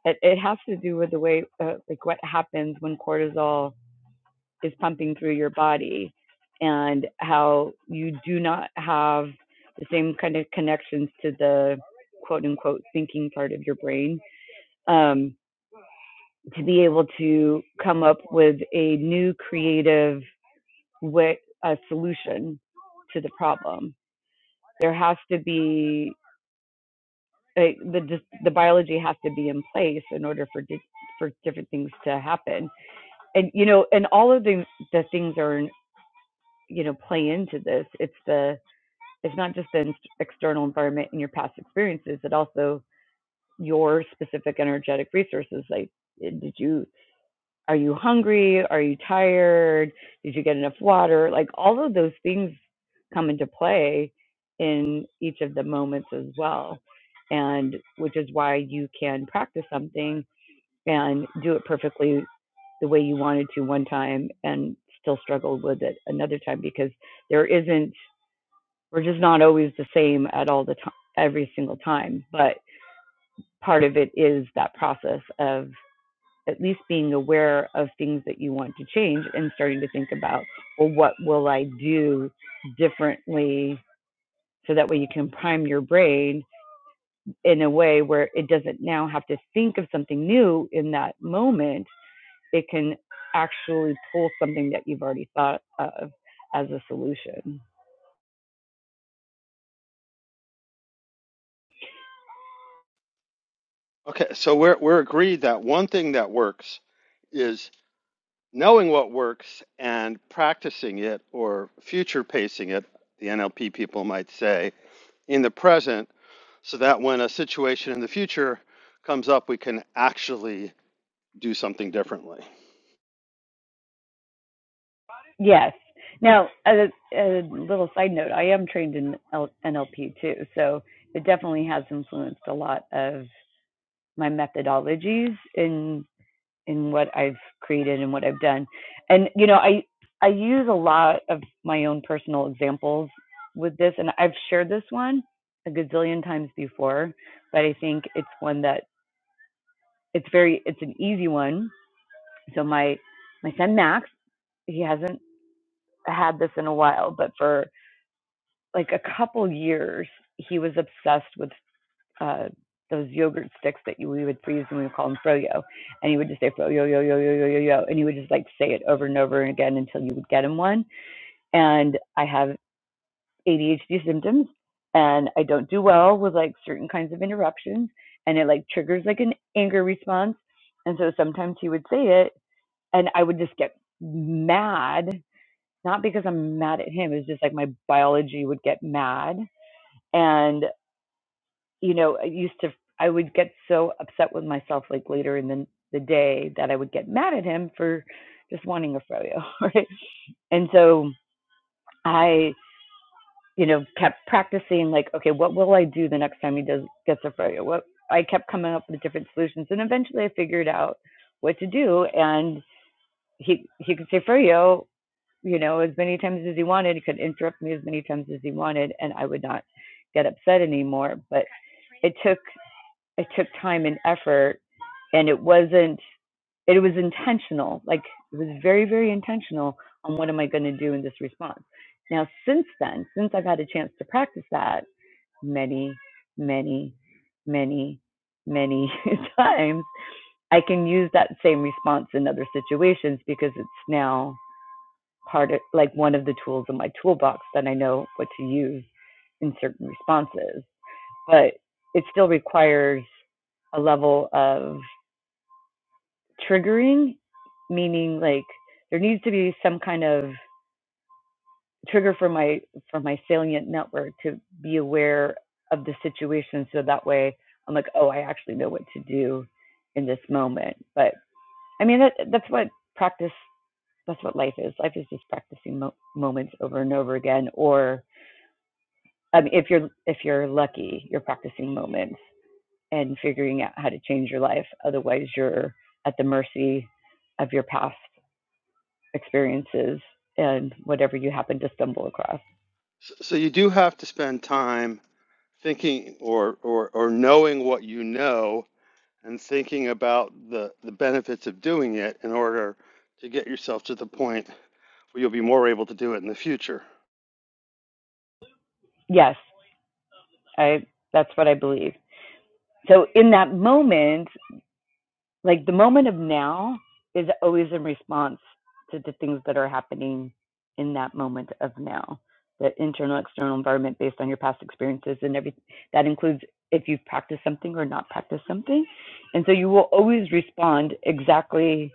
It, it has to do with the way uh, like what happens when cortisol is pumping through your body, and how you do not have the same kind of connections to the quote unquote thinking part of your brain um, to be able to come up with a new creative way, a solution to the problem. There has to be like, the the biology has to be in place in order for di- for different things to happen. And you know, and all of the the things are you know play into this. It's the it's not just the external environment and your past experiences. It also your specific energetic resources. Like, eh, did you Are you hungry? Are you tired? Did you get enough water? Like all of those things come into play in each of the moments as well. And which is why you can practice something and do it perfectly the way you wanted to one time and still struggle with it another time because there isn't, we're just not always the same at all the time, every single time. But part of it is that process of at least being aware of things that you want to change and starting to think about, well, what will I do differently? So that way you can prime your brain in a way where it doesn't now have to think of something new in that moment. It can actually pull something that you've already thought of as a solution.
Okay, so we're we're agreed that one thing that works is knowing what works and practicing it or future pacing it, the NLP people might say, in the present so that when a situation in the future comes up we can actually do something differently.
Yes. Now, as a, a little side note, I am trained in NLP too, so it definitely has influenced a lot of my methodologies in in what I've created and what I've done. And you know, I I use a lot of my own personal examples with this and I've shared this one a gazillion times before, but I think it's one that it's very it's an easy one. So my my son Max, he hasn't had this in a while, but for like a couple years he was obsessed with uh, those yogurt sticks that you, we would freeze and we would call them froyo. And he would just say froyo, yo, yo, yo, yo, yo, yo. And he would just like say it over and over again until you would get him one. And I have ADHD symptoms and I don't do well with like certain kinds of interruptions and it like triggers like an anger response. And so sometimes he would say it and I would just get mad, not because I'm mad at him, it's just like my biology would get mad. and you know, I used to I would get so upset with myself like later in the the day that I would get mad at him for just wanting a froyo, right? And so I, you know, kept practicing like, okay, what will I do the next time he does gets a froyo? What I kept coming up with different solutions and eventually I figured out what to do and he he could say froyo, you know, as many times as he wanted. He could interrupt me as many times as he wanted and I would not get upset anymore. But it took it took time and effort and it wasn't it was intentional like it was very very intentional on what am i going to do in this response now since then since i've had a chance to practice that many many many many times i can use that same response in other situations because it's now part of like one of the tools in my toolbox that i know what to use in certain responses but it still requires a level of triggering, meaning like there needs to be some kind of trigger for my for my salient network to be aware of the situation so that way I'm like, oh, I actually know what to do in this moment. But I mean that that's what practice that's what life is. Life is just practicing mo- moments over and over again or um, if you're if you're lucky, you're practicing moments and figuring out how to change your life. Otherwise, you're at the mercy of your past experiences and whatever you happen to stumble across.
So you do have to spend time thinking or, or, or knowing what you know and thinking about the, the benefits of doing it in order to get yourself to the point where you'll be more able to do it in the future.
Yes, I that's what I believe. So in that moment, like the moment of now is always in response to the things that are happening in that moment of now. The internal external environment based on your past experiences and every that includes if you've practiced something or not practiced something. And so you will always respond exactly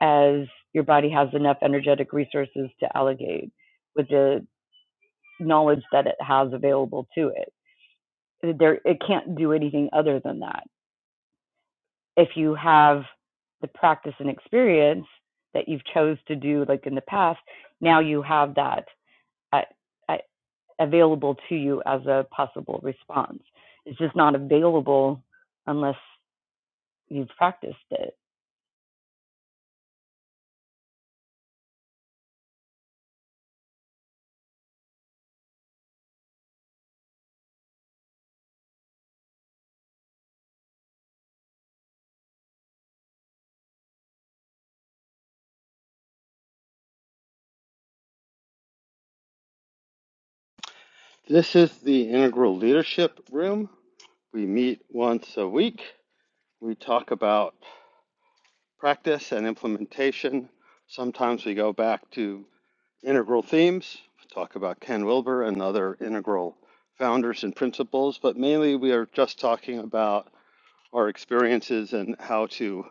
as your body has enough energetic resources to allocate with the knowledge that it has available to it. There, it can't do anything other than that. If you have the practice and experience that you've chose to do, like in the past, now you have that uh, uh, available to you as a possible response. It's just not available unless you've practiced it.
This is the Integral Leadership Room. We meet once a week. We talk about practice and implementation. Sometimes we go back to Integral themes. We talk about Ken Wilber and other integral founders and principles, but mainly we are just talking about our experiences and how to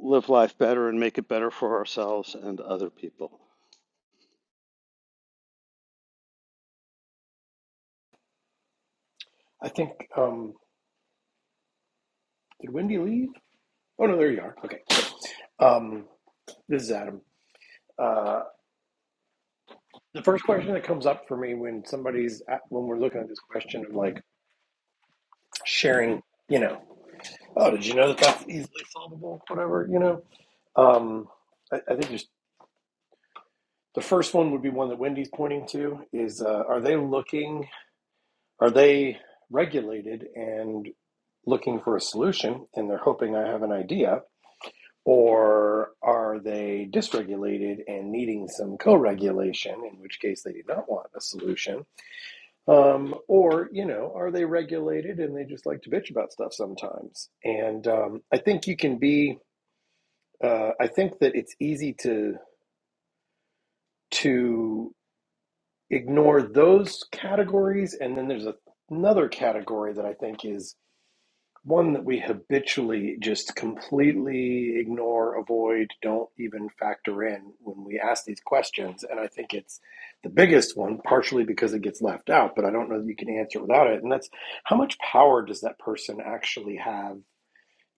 live life better and make it better for ourselves and other people.
I think um, did Wendy leave? Oh no, there you are. Okay. Um, this is Adam. Uh, the first question that comes up for me when somebody's at, when we're looking at this question of like sharing, you know, oh, did you know that that's easily solvable? Whatever, you know. Um, I, I think there's The first one would be one that Wendy's pointing to is uh, are they looking, are they regulated and looking for a solution and they're hoping I have an idea? Or are they dysregulated and needing some co regulation, in which case they do not want a solution? Um, or, you know, are they regulated and they just like to bitch about stuff sometimes? And um, I think you can be, uh, I think that it's easy to to ignore those categories and then there's a, another category that i think is one that we habitually just completely ignore avoid don't even factor in when we ask these questions and i think it's the biggest one partially because it gets left out but i don't know that you can answer without it and that's how much power does that person actually have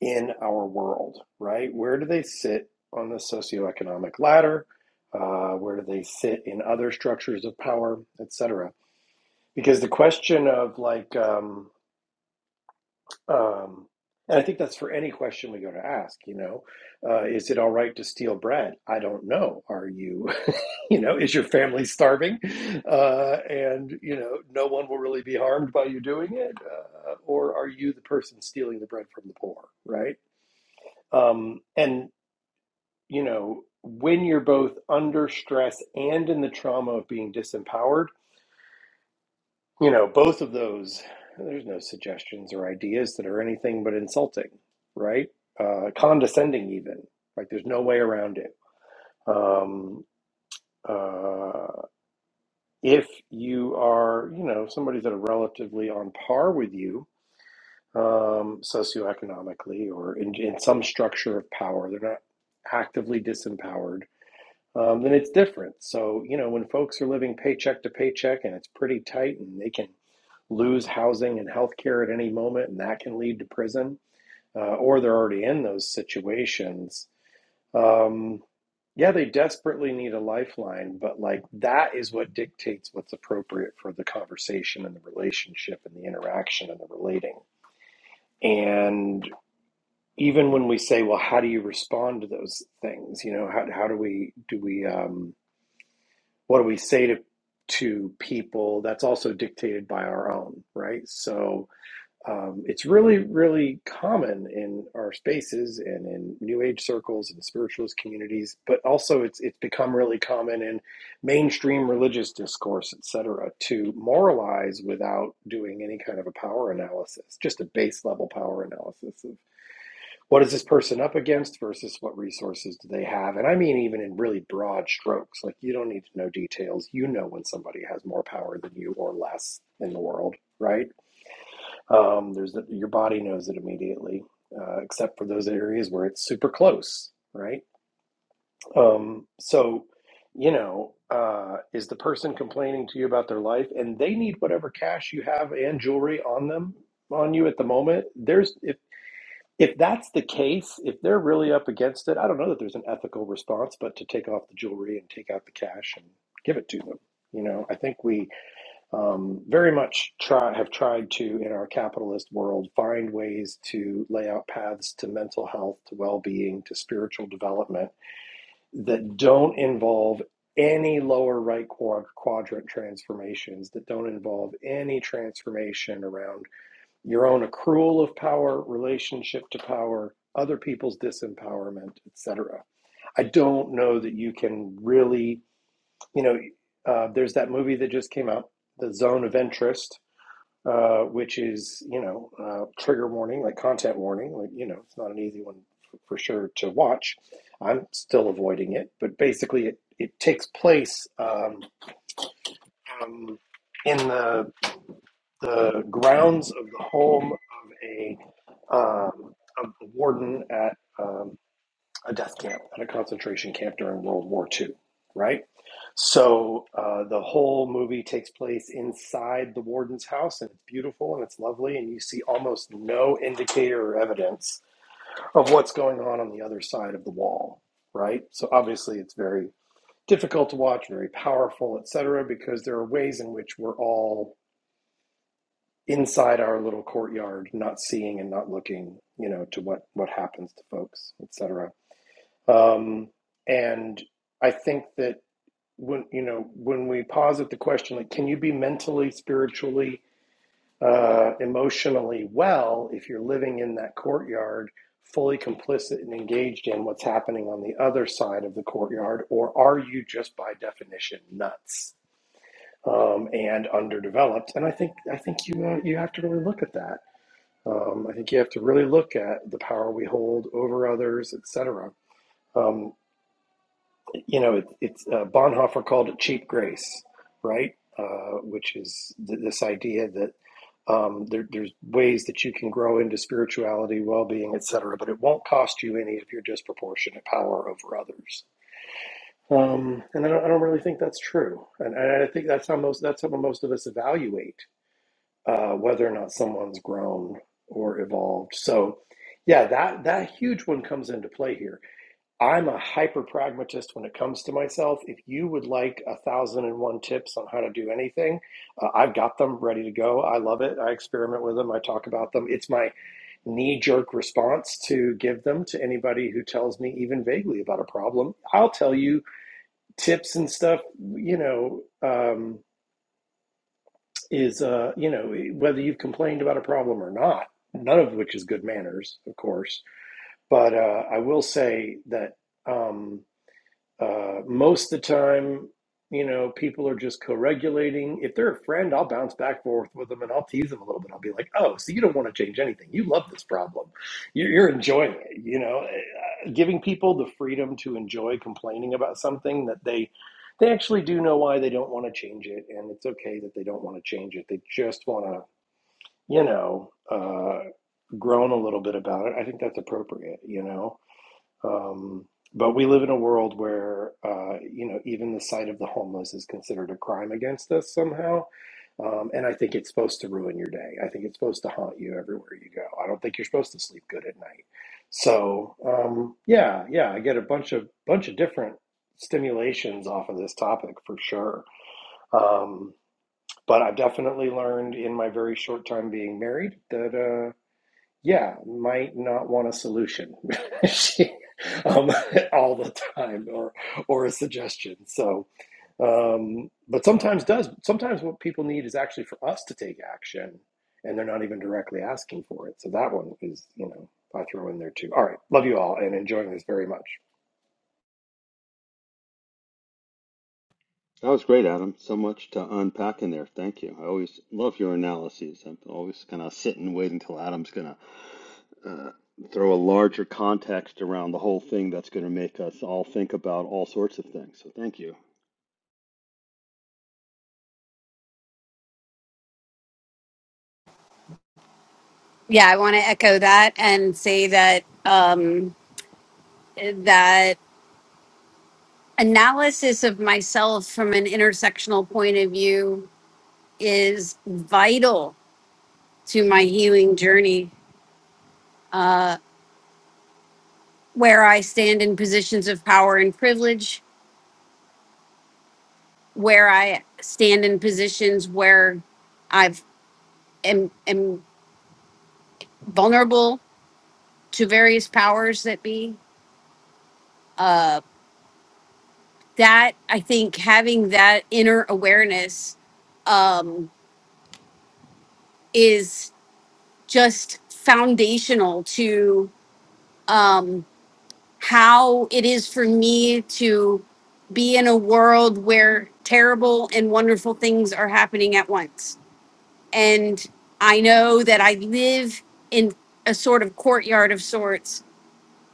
in our world right where do they sit on the socioeconomic ladder uh, where do they sit in other structures of power et cetera? because the question of like um um and i think that's for any question we go to ask you know uh, is it all right to steal bread i don't know are you you know is your family starving uh, and you know no one will really be harmed by you doing it uh, or are you the person stealing the bread from the poor right um, and you know when you're both under stress and in the trauma of being disempowered You know, both of those, there's no suggestions or ideas that are anything but insulting, right? Uh, condescending, even. Like, there's no way around it. Um, uh, if you are, you know, somebody that are relatively on par with you um, socioeconomically or in, in some structure of power, they're not actively disempowered, um, then it's different. So, you know, when folks are living paycheck to paycheck and it's pretty tight and they can lose housing and healthcare at any moment, and that can lead to prison, uh, or they're already in those situations. Um, yeah, they desperately need a lifeline, but like that is what dictates what's appropriate for the conversation and the relationship and the interaction and the relating. And even when we say, well, how do you respond to those things? You know, how, how do we, do we, um, what do we say to, to people? That's also dictated by our own, right? So, um, it's really, really common in our spaces and in New Age circles and spiritualist communities, but also it's it's become really common in mainstream religious discourse, et cetera, to moralize without doing any kind of a power analysis, just a base level power analysis of what is this person up against versus what resources do they have, and I mean even in really broad strokes, like you don't need to know details, you know when somebody has more power than you or less in the world, right? Um, there's the, your body knows it immediately, uh, except for those areas where it's super close, right? Um, so, you know, uh, is the person complaining to you about their life and they need whatever cash you have and jewelry on them on you at the moment? There's if if that's the case, if they're really up against it, I don't know that there's an ethical response, but to take off the jewelry and take out the cash and give it to them. You know, I think we um, very much try, have tried to, in our capitalist world, find ways to lay out paths to mental health, to well being, to spiritual development that don't involve any lower right quad- quadrant transformations, that don't involve any transformation around your own accrual of power, relationship to power, other people's disempowerment, etc. I don't know that you can really, you know, uh, there's that movie that just came out, The Zone of Interest uh, which is you know uh, trigger warning, like content warning. Like you know, it's not an easy one f- for sure to watch. I'm still avoiding it, but basically, it it takes place um, um, in the the grounds of the home of a um, of the warden at. um, a death camp and a concentration camp during World War Two, right? So uh, the whole movie takes place inside the warden's house, and it's beautiful and it's lovely, and you see almost no indicator or evidence of what's going on on the other side of the wall, right? So obviously, it's very difficult to watch, very powerful, et cetera, because there are ways in which we're all inside our little courtyard, not seeing and not looking, you know, to what what happens to folks, et cetera. Um, and I think that when you know when we posit the question, like, can you be mentally, spiritually, uh, emotionally well if you're living in that courtyard, fully complicit and engaged in what's happening on the other side of the courtyard, or are you just by definition nuts um, and underdeveloped? And I think I think you uh, you have to really look at that. Um, I think you have to really look at the power we hold over others, et etc. you know, it, it's uh, Bonhoeffer called it cheap grace, right? Uh, which is th- this idea that um, there, there's ways that you can grow into spirituality, well-being, etc., but it won't cost you any of your disproportionate power over others. Um, and I don't, I don't really think that's true. And, and I think that's how most that's how most of us evaluate uh, whether or not someone's grown or evolved. So, yeah, that that huge one comes into play here I'm a hyper pragmatist when it comes to myself. If you would like a thousand and one tips on how to do anything, uh, I've got them ready to go. I love it. I experiment with them. I talk about them. It's my knee jerk response to give them to anybody who tells me even vaguely about a problem. I'll tell you tips and stuff, you know, um, is, uh, you know, whether you've complained about a problem or not, none of which is good manners, of course. But uh, I will say that. Um, uh, most of the time, you know, people are just co-regulating. If they're a friend, I'll bounce back forth with them and I'll tease them a little bit. I'll be like, "Oh, so you don't want to change anything? You love this problem. You're, you're enjoying it." You know, Eh, Uh, giving people the freedom to enjoy complaining about something that they they actually do know why they don't want to change it, and it's okay that they don't want to change it. They just want to, you know, uh, groan a little bit about it. I think that's appropriate. You know um, but we live in a world where, uh, you know, even the sight of the homeless is considered a crime against us somehow. Um, and I think it's supposed to ruin your day. I think it's supposed to haunt you everywhere you go. I don't think you're supposed to sleep good at night. So um, yeah, yeah, I get a bunch of bunch of different stimulations off of this topic for sure. Um, but I've definitely learned in my very short time being married that. uh, yeah, might not want a solution She- um, all the time or or a suggestion. So, um, but sometimes does sometimes what people need is actually for us to take action, and they're not even directly asking for it. So that one is you know I throw in there too. All right, love you all and enjoying this very much.
That was great, Adam. So much to unpack in there. Thank you. I always love your analyses. I'm always going to sit and wait until Adam's going to uh, throw a larger context around the whole thing that's going to make us all think about all sorts of things. So thank you.
Yeah, I want to echo that and say that um, that analysis of myself from an intersectional point of view is vital to my healing journey. Uh, where I stand in positions of power and privilege, where I stand in positions where I've am, am vulnerable to various powers that be. Uh, that I think having that inner awareness um, is just foundational to um, how it is for me to be in a world where terrible and wonderful things are happening at once. And I know that I live in a sort of courtyard of sorts,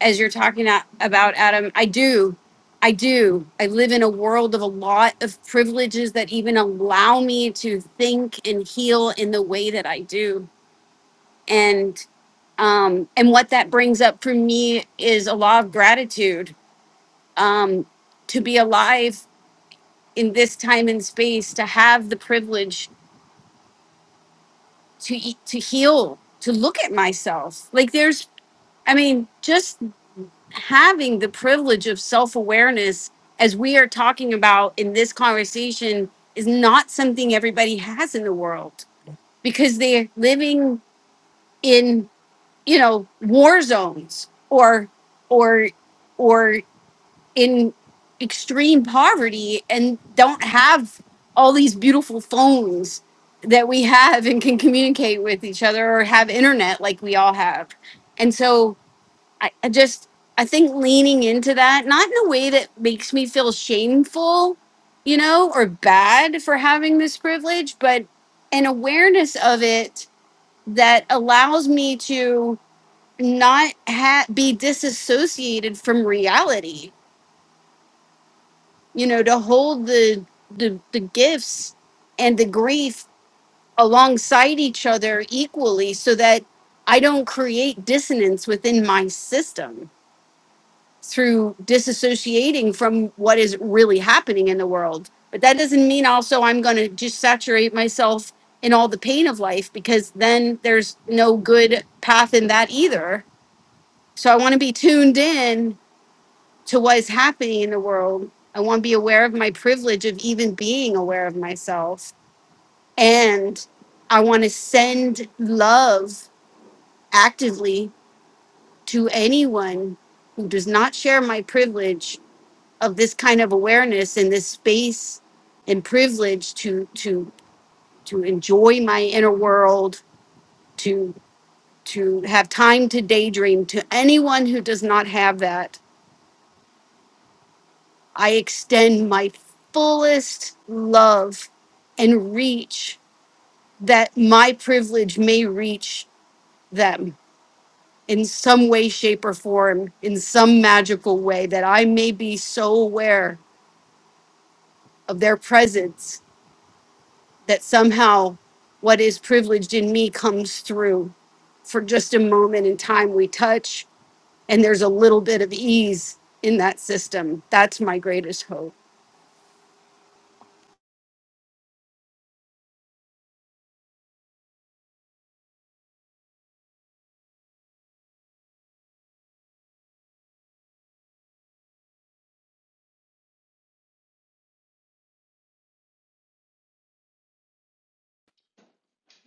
as you're talking a- about, Adam. I do. I do. I live in a world of a lot of privileges that even allow me to think and heal in the way that I do. and. Um, and what that brings up for me is a lot of gratitude um, to be alive in this time and space, to have the privilege to eat, to heal, to look at myself. Like there's, I mean, just having the privilege of self awareness as we are talking about in this conversation is not something everybody has in the world because they're living in you know war zones or or or in extreme poverty and don't have all these beautiful phones that we have and can communicate with each other or have internet like we all have. And so I, I just, I think leaning into that, not in a way that makes me feel shameful, you know, or bad for having this privilege, but an awareness of it that allows me to not ha- be disassociated from reality you know to hold the the, the gifts and the grief alongside each other equally so that i don't create dissonance within my system through disassociating from what is really happening in the world but that doesn't mean also i'm going to just saturate myself in all the pain of life because then there's no good path in that either so i want to be tuned in to what is happening in the world. I want to be aware of my privilege of even being aware of myself. And I want to send love actively to anyone who does not share my privilege of this kind of awareness and this space and privilege to to to enjoy my inner world, to to have time to daydream to anyone who does not have that I extend my fullest love and reach that my privilege may reach them in some way, shape, or form, in some magical way, that I may be so aware of their presence that somehow what is privileged in me comes through. For just a moment in time, we touch, and there's a little bit of ease in them. Greatest hope.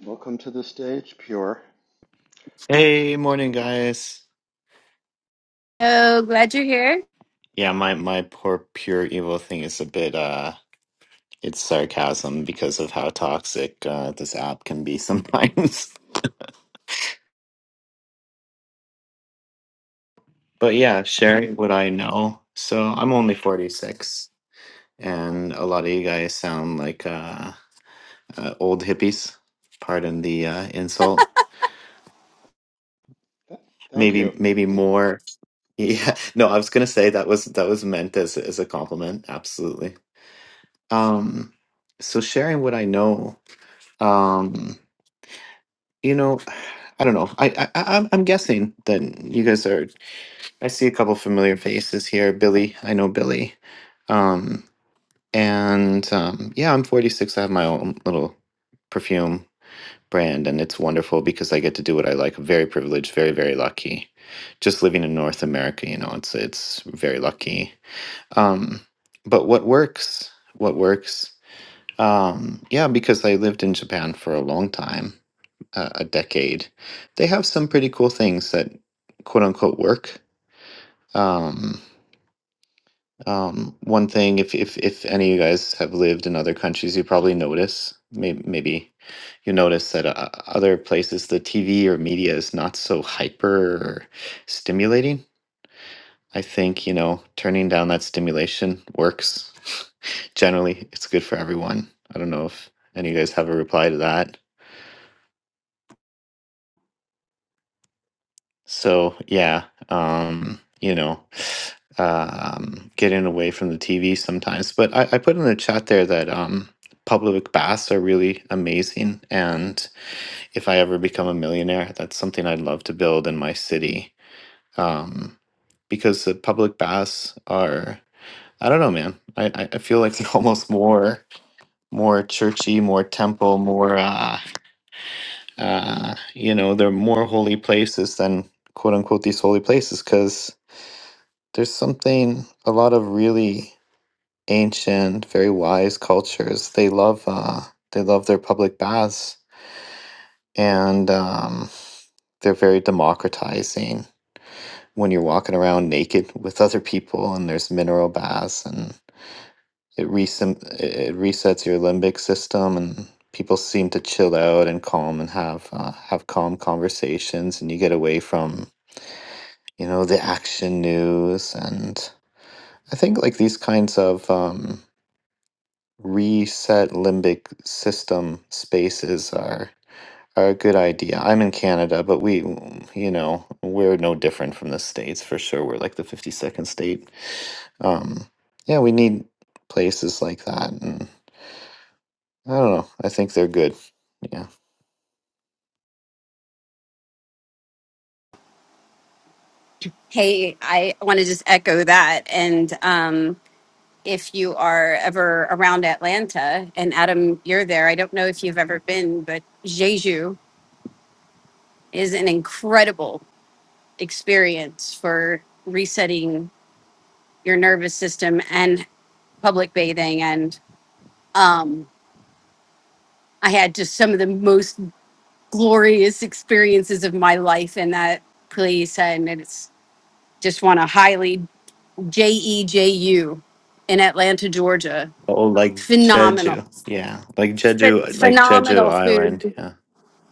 Welcome to the stage, Pure.
Hey, morning, guys.
Oh, glad you're here.
Yeah, my my poor pure evil thing is a bit uh it's sarcasm because of how toxic uh this app can be sometimes. But yeah, sharing what I know. So I'm only 46 and a lot of you guys sound like uh, uh old hippies. Pardon the uh insult.
Th- Thank
Maybe
you.
maybe more. Yeah. No, I was going to say that was that was meant as as a compliment. Absolutely. Um so sharing what I know. Um You know, I don't know. I, I I- I'm I'm guessing that you guys are. I see a couple familiar faces here. Billy, I know Billy. Um, and um, yeah, I'm 46. I have my own little perfume brand, and it's wonderful because I get to do what I like. I'm Very privileged, very very lucky. Just living in North America, you know, it's it's very lucky. Um, but what works? What works? Um, yeah, because I lived in Japan for a long time a, a decade, they have some pretty cool things that quote unquote work. Um, um, one thing, if, if, if any of you guys have lived in other countries, you probably notice, maybe, maybe you notice that uh, other places, the TV or media is not so hyper or stimulating. I think, you know, turning down that stimulation works. Generally, it's good for everyone. I don't know if any of you guys have a reply to that. So yeah, um, you know, um, getting away from the TV sometimes. But I, I put in the chat there that um, public baths are really amazing, and if I ever become a millionaire, that's something I'd love to build in my city. Um, because the public baths are, I don't know, man. I, I I feel like they're almost more more churchy, more temple, more uh, uh, you know, they're more holy places than quote unquote these holy places because There's something, a lot of really ancient, very wise cultures. They love, uh, they love their public baths, and um, they're very democratizing. When you're walking around naked with other people, and there's mineral baths, and it resim- it resets your limbic system, and people seem to chill out and calm and have uh, have calm conversations, and you get away from you know the action news and I think like these kinds of um, reset limbic system spaces are are a good idea. I'm in Canada, but we, you know, we're no different from the states for sure. We're like the 52nd state. Um, yeah, we need places like that, and I don't know. I think they're good. Yeah.
Hey, I want to just echo that. And if you are ever around Atlanta, and Adam, you're there. I don't know if you've ever been, but Jeju is an incredible experience for resetting your nervous system and public bathing. And um, I had just some of the most glorious experiences of my life in that place. And it's just want to highly J E J U in Atlanta, Georgia.
Oh, like
Phenomenal,
Jeju. Yeah, like Jeju,
Ph-
like Jeju Island. Yeah.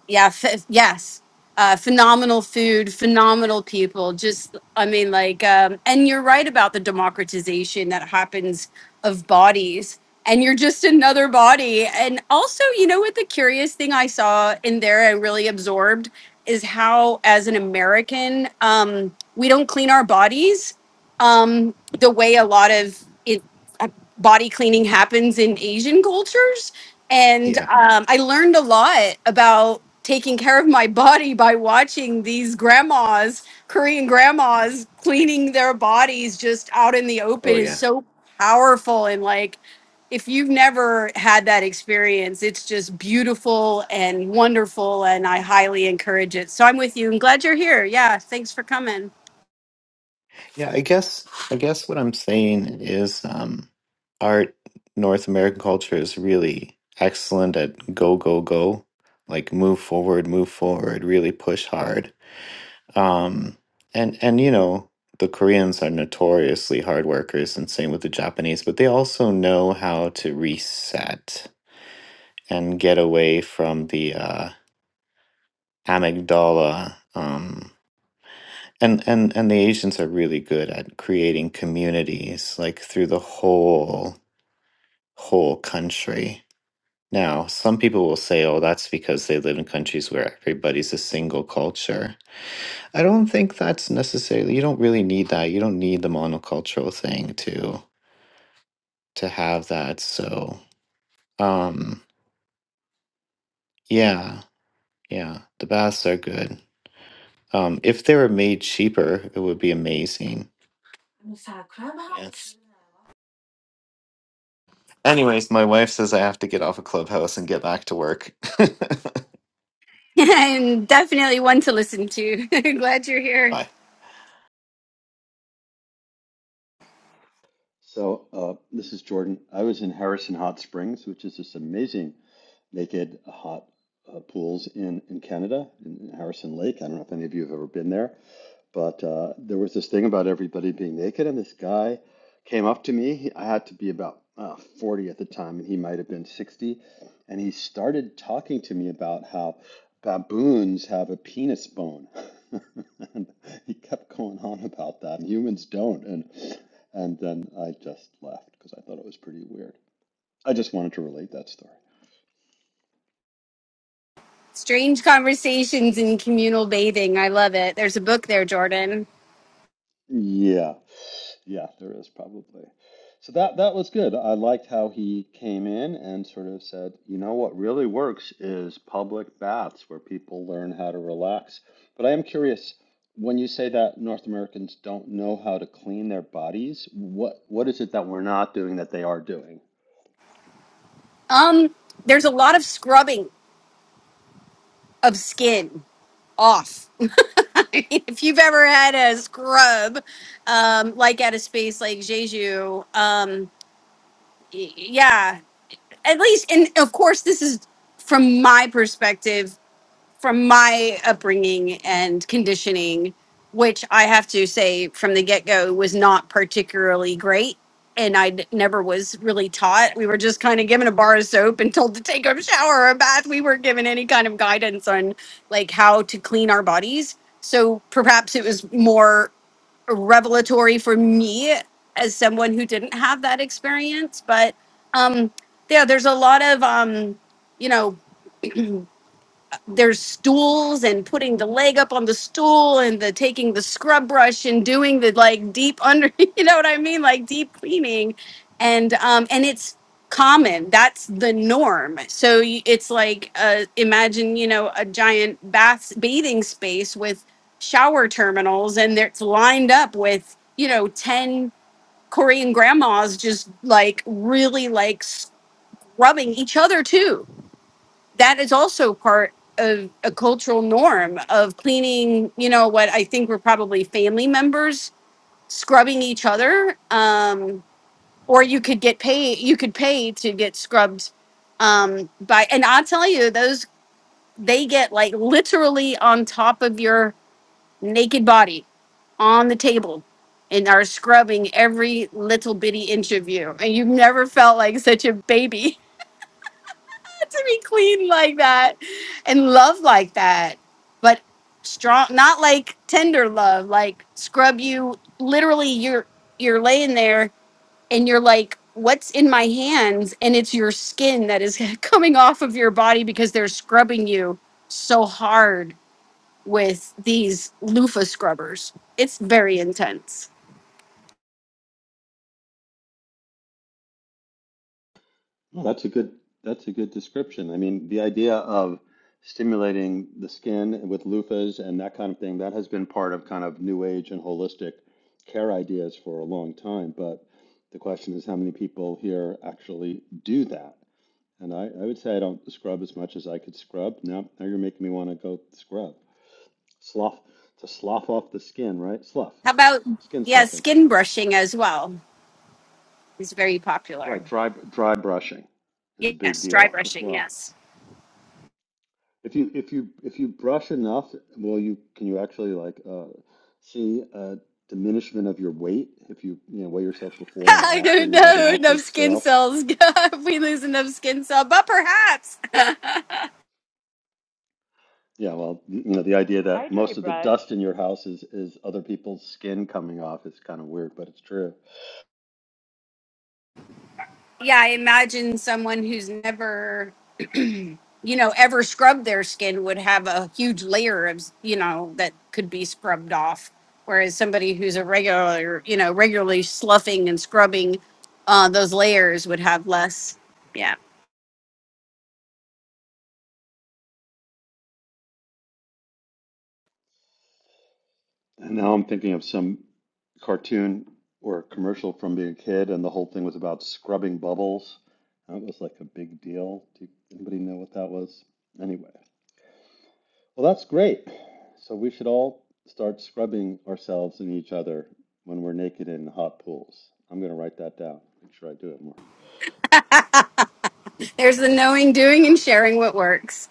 yeah f- yes uh, phenomenal food phenomenal people just i mean like um, and you're right about the democratization that happens of bodies and you're just another body and also you know what the curious thing i saw in there and really absorbed is how as an american um, we don't clean our bodies um, the way a lot of it, uh, body cleaning happens in asian cultures and
Yeah.
um, I learned a lot about taking care of my body by watching these grandmas, Korean grandmas, cleaning their bodies just out in the open
Oh, yeah.
is so powerful. And like, if you've never had that experience, it's just beautiful and wonderful. And I highly encourage it. So I'm with you and glad you're here. Yeah. Thanks for coming.
Yeah, I guess I guess what I'm saying is um our North American culture is really excellent at go go go, like move forward, move forward, really push hard. Um and and you know, the Koreans are notoriously hard workers and same with the Japanese, but they also know how to reset and get away from the uh amygdala um And and and the Asians are really good at creating communities like through the whole whole country. Now, some people will say, "Oh, that's because they live in countries where everybody's a single culture." I don't think that's necessarily. You don't really need that. You don't need the monocultural thing to to have that. So, um, yeah, yeah, the baths are good. Um, if they were made cheaper, it would be amazing. Yeah. Anyways, my wife says I have to get off of Clubhouse and get back to work.
and definitely one to listen to. glad you're here.
Bye.
So uh, this is Jordan. I was in Harrison Hot Springs, which is this amazing naked hot uh, pools in in Canada, in, in Harrison Lake. I don't know if any of you have ever been there, but uh, there was this thing about everybody being naked, and this guy came up to me. He, I had to be about uh, 40 at the time, and he might have been 60, and he started talking to me about how baboons have a penis bone. and he kept going on about that, and humans don't, and and then I just left because I thought it was pretty weird. I just wanted to relate that story.
Strange conversations in communal bathing. I love it. There's a book there, Jordan.
Yeah. Yeah, there is probably. So that that was good. I liked how he came in and sort of said, you know what really works is public baths where people learn how to relax. But I am curious, when you say that North Americans don't know how to clean their bodies, what what is it that we're not doing that they are doing?
Um, there's a lot of scrubbing of skin off. I mean, if you've ever had a scrub, um, like at a space like Jeju, um, y- yeah, at least, and of course, this is from my perspective from my upbringing and conditioning, which I have to say from the get go was not particularly great. And I never was really taught. We were just kind of given a bar of soap and told to take a shower or a bath. We weren't given any kind of guidance on like how to clean our bodies. So perhaps more rare for me as an science, but um, yeah, there's a you know there. and putting the leg up on the stool and the taking the scrub brush and doing the like deep under you know what i mean like deep cleaning um, and it's um or you could get paid you could pay to get scrubbed um by and i'll tell you those they get like literally on top of your naked body on the table and are scrubbing every little bitty inch of you and you've never felt like such a baby to be clean like that and love like that, but strong, not like tender love, like scrub you. Literally, you're you're laying there and you're like, "What's in my hands?" And it's your skin that is coming off of your body because they're scrubbing you so hard with these loofah scrubbers. It's very intense.
Oh, that's a good that's a good description. I mean, the idea of stimulating the skin with loofahs and that kind of thing, that has been part of kind of new age and holistic care ideas for a long time. But the question is how many people here actually do that? And I, I would say I don't scrub as much as I could scrub. Now, now you're making me want to go scrub. Slough to slough off the skin, right? Slough.
How about
Skin
yeah,
sloughing.
skin brushing as well is very popular.
Right, dry dry brushing is a big
Yes, dry
deal as
brushing.
well.
Yes.
If you if you if you brush enough, will you can you actually like uh, see a diminishment of your weight if you you know weigh yourself before and
I
after
don't
and you have an
know Enough
accurate
skin
scale?
cells. if we lose enough skin cell, but perhaps.
Yeah, well, you know the idea
I
that
dry
most of the
brush.
dust in your house is is other people's skin coming off is kind of weird, but it's true.
Yeah, I imagine someone who's never, you know, ever scrubbed their skin would have a huge layer of, you know, that could be scrubbed off. Whereas somebody who's a regular, you know, regularly sloughing and scrubbing, uh, those layers would have less. Yeah.
And now I'm thinking of some cartoon or commercial from being a kid, and the whole thing was about scrubbing bubbles. That was like a big deal. Do anybody know what that was? Anyway. Well, that's great. So we should all start scrubbing ourselves and each other when we're naked in hot pools. I'm going to write that down. Make sure I do it more.
There's the knowing, doing, and sh-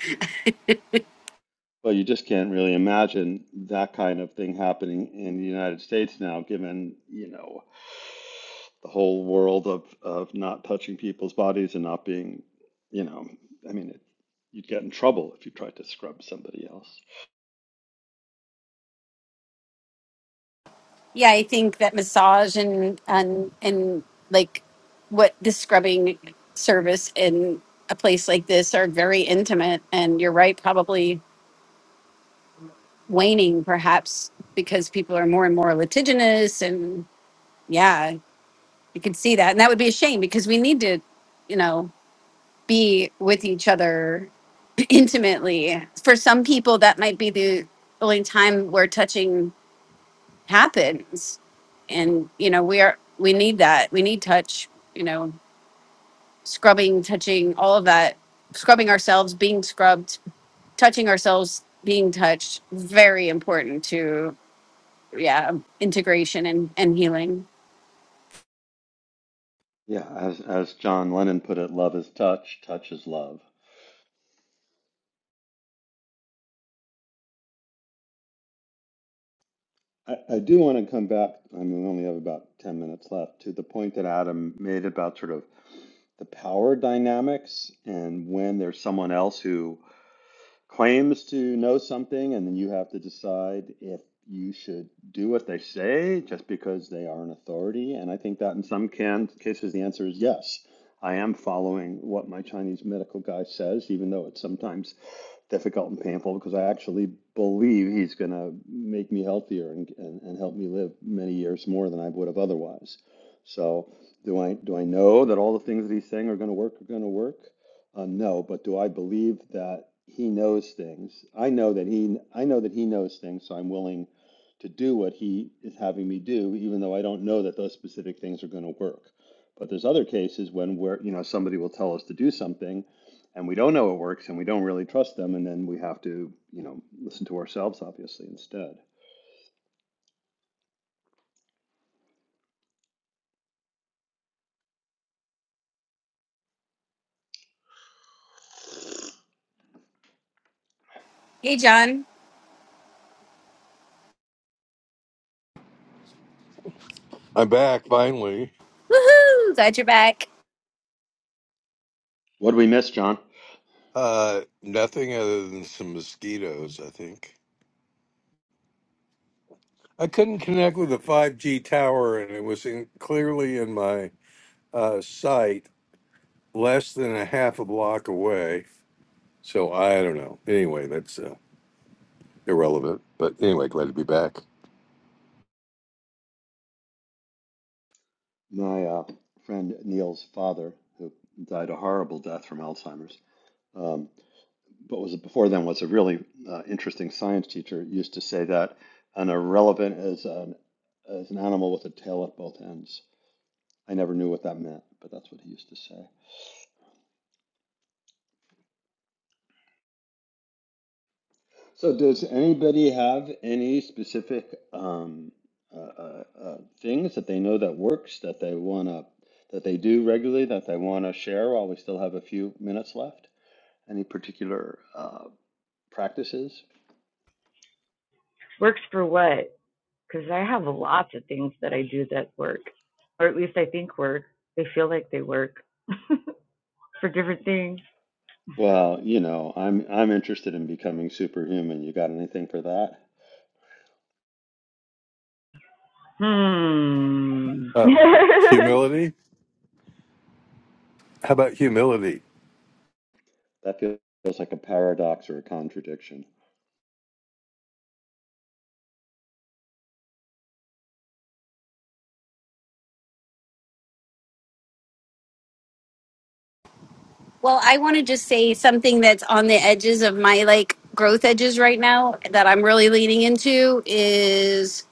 Well, you just can't really imagine that kind of thing happening in the United States now, given, you know, the whole world of, of not touching people's bodies and not being, you know, I mean, it, you'd get in trouble if you tried to scrub somebody else.
yeah. I think that massage and and and like what the scrubbing service in a place like this are very intimate and you're right probably waning perhaps because people are more and more litigious and yeah you can see that and that would be a shame because we need to you know be with each other intimately for some people that might be the only time where touching happens and you know we are we need that we need touch you know scrubbing touching all of that scrubbing ourselves being scrubbed touching ourselves, being touched, very important to yeah, integration and, and healing.
Yeah, as, as John Lennon put it, love is touch, touch is love. I, I do want to come back. I mean, we only have about 10 minutes left to the point that Adam made about sort of the power dynamics and when there's someone else who claims to know something, and then you have to decide if you should do what they say just because they are an authority. And I think that in some can- cases, the answer is yes. I am following what my Chinese medical guy says, even though it's sometimes difficult and painful because I actually believe he's going to make me healthier and, and, and help me live many years more than I would have otherwise. So, do I do I know that all the things that he's saying are going to work are going to work? Uh, no, but do I believe that he knows things? I know that he, I know that he knows things, so I'm willing to do what he is having me do, even though I don't know that those specific things are going to work. But there's other cases when where, you know, somebody will tell us to do something and we don't know it works and we don't really trust them, and then we have to, you know, listen to ourselves, obviously, instead.
Hey John.
I'm back finally.
Woohoo! Glad you're back.
What do we miss, John?
Uh, nothing other than some mosquitoes, I think. I couldn't connect with the 5G tower, and it was in, clearly in my uh, sight less than a half a block away. So, I don't know. Anyway, that's uh, irrelevant. But anyway, glad to be back.
My uh, friend Neil's father, who died a horrible death from Alzheimer's, um, what was before then was a really uh, interesting science teacher used to say that an irrelevant is an is an animal with a tail at both ends. I never knew what that meant, but that's what he used to say. So, does anybody have any specific um, uh, uh, uh, things that they know that works that they wanna that they do regularly that they wanna share while we still have a few minutes left? Any particular uh, practices?
Works for what? because I have lots of things that I do that work, or at least I think work. They feel like they work for different things.
Well, you know, I'm I'm interested in becoming superhuman. You got anything for that?
Hmm.
Uh, humility? How about humility?
That feels like a paradox or a contradiction.
Well, I want to just say something that's on the edges of my like growth edges right now that I'm really leaning into is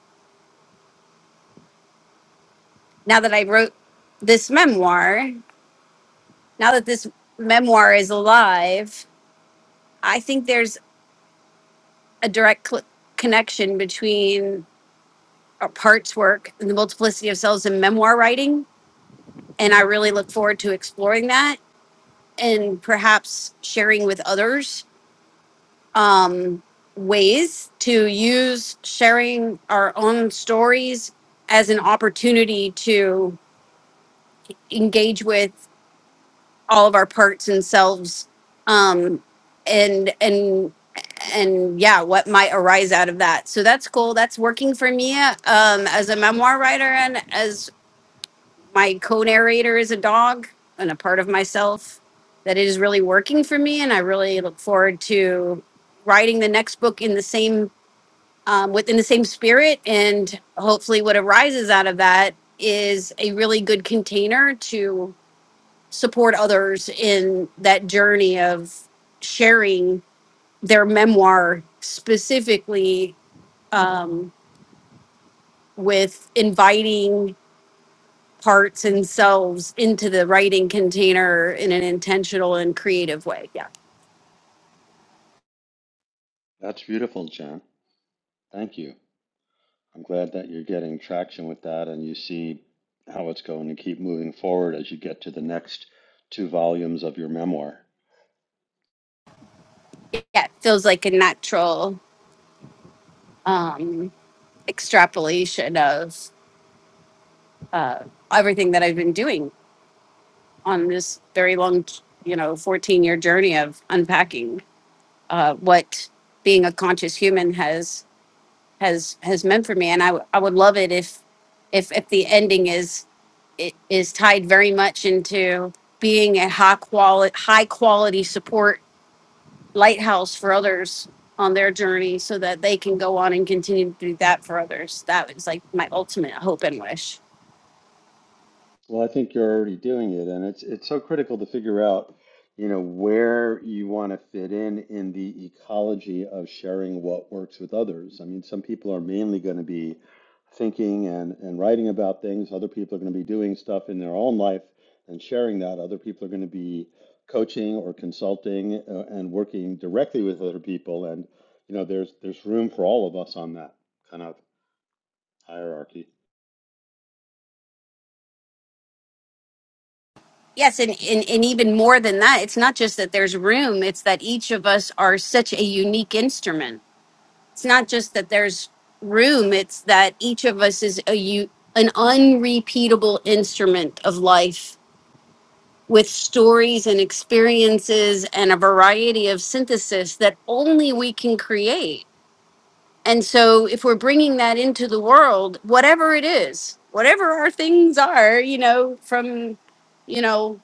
now that I wrote this memoir, now that this memoir is alive, I think there's a direct cl- connection between uh, parts work and the multiplicity of selves in memoir writing and I really look forward to exploring that and perhaps sharing with others um, ways to use sharing our own stories as an opportunity to engage with all of our parts and selves um, and and and yeah what might arise out of that so that's cool that's working for me um, as a memoir writer and as my co-narrator is a dog and a part of myself that it is really working for me and i really look forward to writing the next book in the same um, within the same spirit and hopefully what arises out of that is a really good container to support others in that journey of sharing their memoir specifically um, with inviting parts and selves into the writing container in an intentional and creative way. Yeah.
That's beautiful, Jen. Thank you. I'm glad that you're getting traction with that and you see how it's going to keep moving forward as you get to the next two volumes of your memoir.
Yeah. It feels like a natural um, extrapolation of uh, everything that I've been doing on this very long, you know, 14 year journey of unpacking uh, what being a conscious human has has has meant for me. And I, w- I would love it if if if the ending is it is tied very much into being a high quality high quality support lighthouse for others on their journey so that they can go on and continue to do that for others. That was like my ultimate hope and wish.
Well, I think you're already doing it, and it's it's so critical to figure out, you know, where you want to fit in in the ecology of sharing what works with others. I mean, some people are mainly going to be thinking and and writing about things. Other people are going to be doing stuff in their own life and sharing that. Other people are going to be coaching or consulting uh, and working directly with other people. And, you know, there's there's room for all of us on that kind of hierarchy.
Yes, and, and, and even more than that, it's not just that there's room, it's that each of us are such a unique instrument. It's not just that there's room, it's that each of us is a u- an unrepeatable instrument of life with stories and experiences and a variety of synthesis that only we can create And so, if we're bringing that into the world, whatever it is, whatever our things are, you know, from, you know,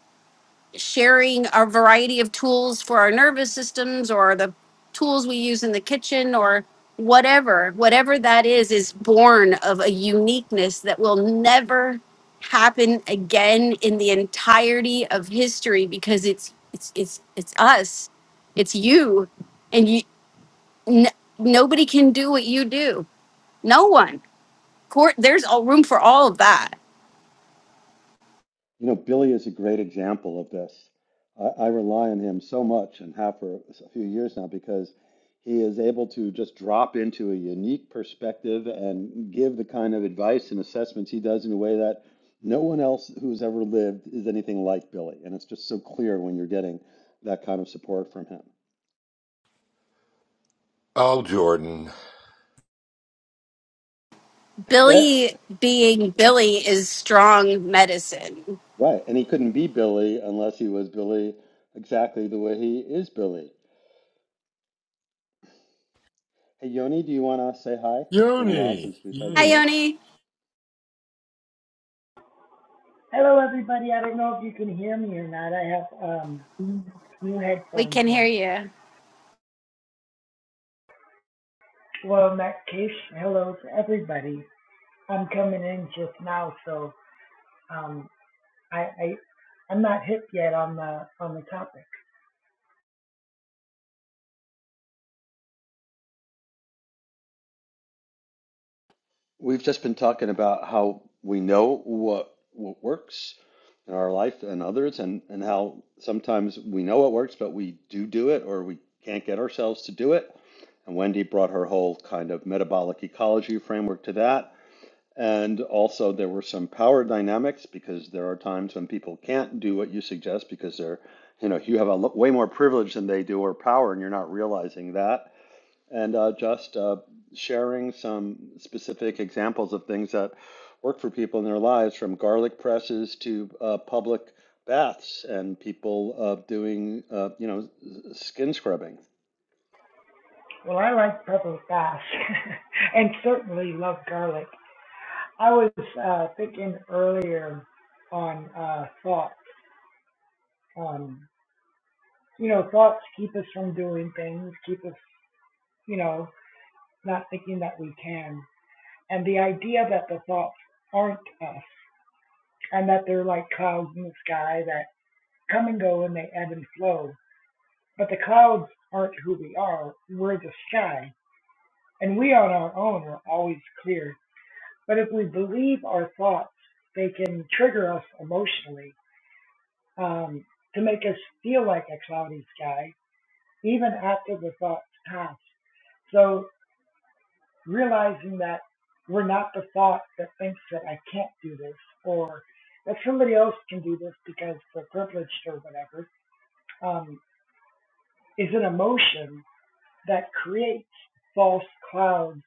sharing a variety of tools for our nervous systems or the tools we use in the kitchen or whatever, whatever that is, is born of a uniqueness that will never happen again in the entirety of history because it's it's it's it's us it's you and you n- nobody can do what you do no one. Court. There's all room for all of that.
You know, Billy is a great example of this. I, I rely on him so much and have for a few years now because he is able to just drop into a unique perspective and give the kind of advice and assessments he does in a way that no one else who's ever lived is anything like Billy. And it's just so clear when you're getting that kind of support from him.
Oh, Jordan.
Eh,
Billy being Billy is strong medicine.
Right. And he couldn't be Billy unless he was Billy exactly the way he is Billy. Hey, Yoni, do you want to say hi? It's been a while
Yoni,
since we've had you
Hi,
yay.
here.
Yoni.
Hello, everybody. I don't know if you can hear me or not. I have um, new
We
headphones
can hear
in.
you.
Well, in that case, hello to everybody. I'm coming in just now, so um, I, I I'm not hip yet on the on the topic.
We've just been talking about how we know what what works in our life and others, and and how sometimes we know what works, but we do do it, or we can't get ourselves to do it. And Wendy brought her whole kind of metabolic ecology framework to that. And also, there were some power dynamics because there are times when people can't do what you suggest because they're, you know, you have a way more privilege than they do or power, and you're not realizing that and uh, just uh, sharing some specific examples of things that work for people in their lives, from garlic presses to uh, public baths and people uh, doing, uh, you know, s- skin scrubbing.
Well, I like purple fast, and certainly love garlic. I was uh, thinking earlier on uh, thoughts. Um, you know, thoughts keep us from doing things, keep us, you know, not thinking that we can. and the idea that the thoughts aren't us and that they're like clouds in the sky that come and go and they ebb and flow. But the clouds aren't who we are, we're the sky, and we on our own are always clear. But if we believe our thoughts, they can trigger us emotionally um, to make us feel like a cloudy sky, even after the thoughts pass. So realizing that we're not the thought that thinks that I can't do this or that somebody else can do this because they're privileged or whatever, um, is an emotion that creates false clouds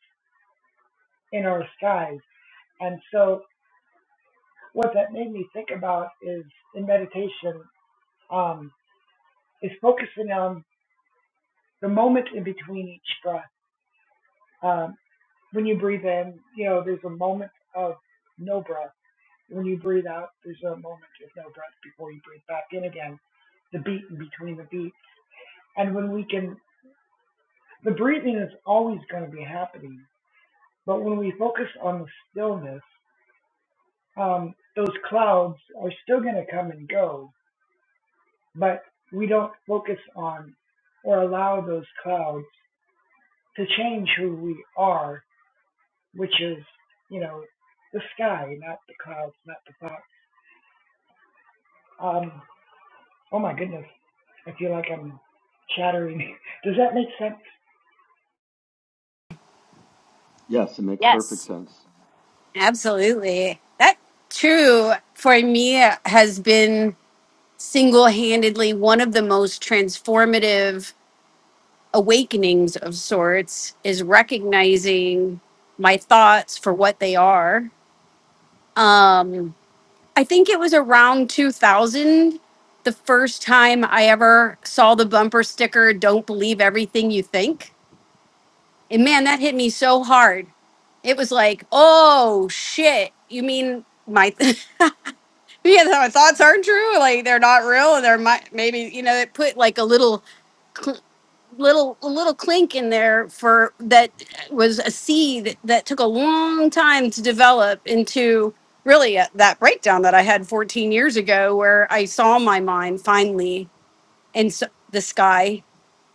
in our skies. And so, what that made me think about is in meditation, um, is focusing on the moment in between each breath. Um, when you breathe in, you know, there's a moment of no breath When you breathe out, there's a moment of no breath before you breathe back in again. The beat in between the beats. And when we can, the breathing is always going to be happening. But when we focus on the stillness, um, those clouds are still going to come and go. But we don't focus on or allow those clouds to change who we are, which is, you know, the sky, not the clouds, not the thoughts. Um, oh my goodness, I feel like I'm chattering. Does that make sense?
Yes, it makes perfect
Yes,
sense.
absolutely. That true for me has been single-handedly one of the most transformative awakenings of sorts is recognizing my thoughts for what they are. Um, I think it was around 2000 the first time I ever saw the bumper sticker, Don't Believe Everything You Think. And man, that hit me so hard. It was like, oh shit, you mean my, yeah, my thoughts aren't true? Like they're not real and they're my, maybe, you know, it put like a little little a little clink in there for that was a seed that took a long time to develop into really a, that breakdown that I had 14 years ago where I saw my mind finally in s the sky.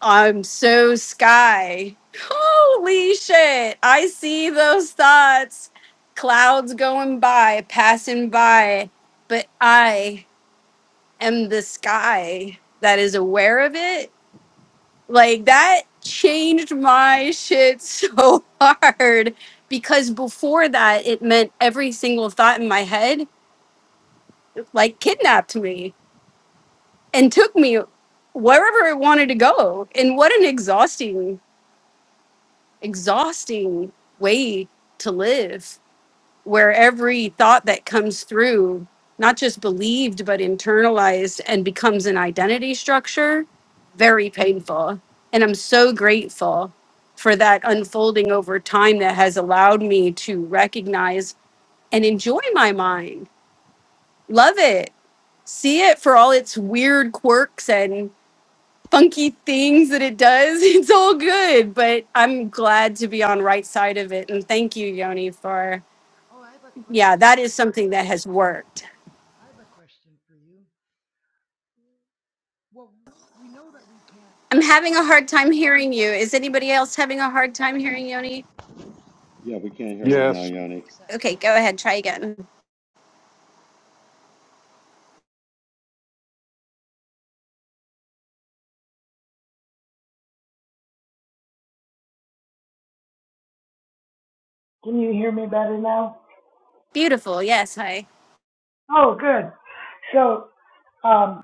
I'm so sky. Holy shit. I see those thoughts. Clouds going by, passing by, but I am the sky that is aware of it like that changed my shit so hard because before that, it meant every single thought in my head like kidnapped me and took me wherever it wanted to go. And what an exhausting, exhausting way to live where every thought that comes through not just believed but internalized and becomes an identity structure very painful. And I'm so grateful for that unfolding over time that has allowed me to recognize and enjoy my mind, love it, see it for all its weird quirks and funky things that it does. It's all good, but I'm glad to be on right side of it. And thank you, Yoni, for
Oh, I have a
yeah,
question.
that is something that has worked.
I have a question for you. Well, we know that we can't
I'm having a
uh,
hard time hearing you.
quiet
Is
the thought.
anybody else having a hard time
Oh,
hearing Yoni?
Yeah, we can't
I'm
hear you
sorry.
Yes.
now,
Let me
Yoni.
fix that.
Okay, go ahead, try again.
Can you hear me better now?
Beautiful. Yes, Hi.
Oh, good. So, um,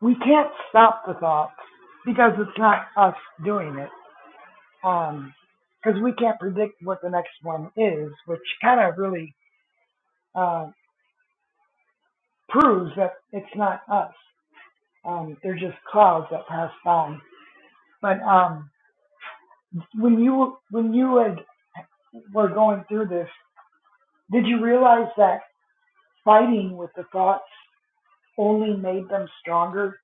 we can't stop the thoughts because it's not us doing it. Um, because we can't predict what the next one is, which kind of really uh, proves that it's not us. Um, they're just clouds that pass by. But um, when you when you had, were going through this, did you realize that fighting with the thoughts only made them stronger?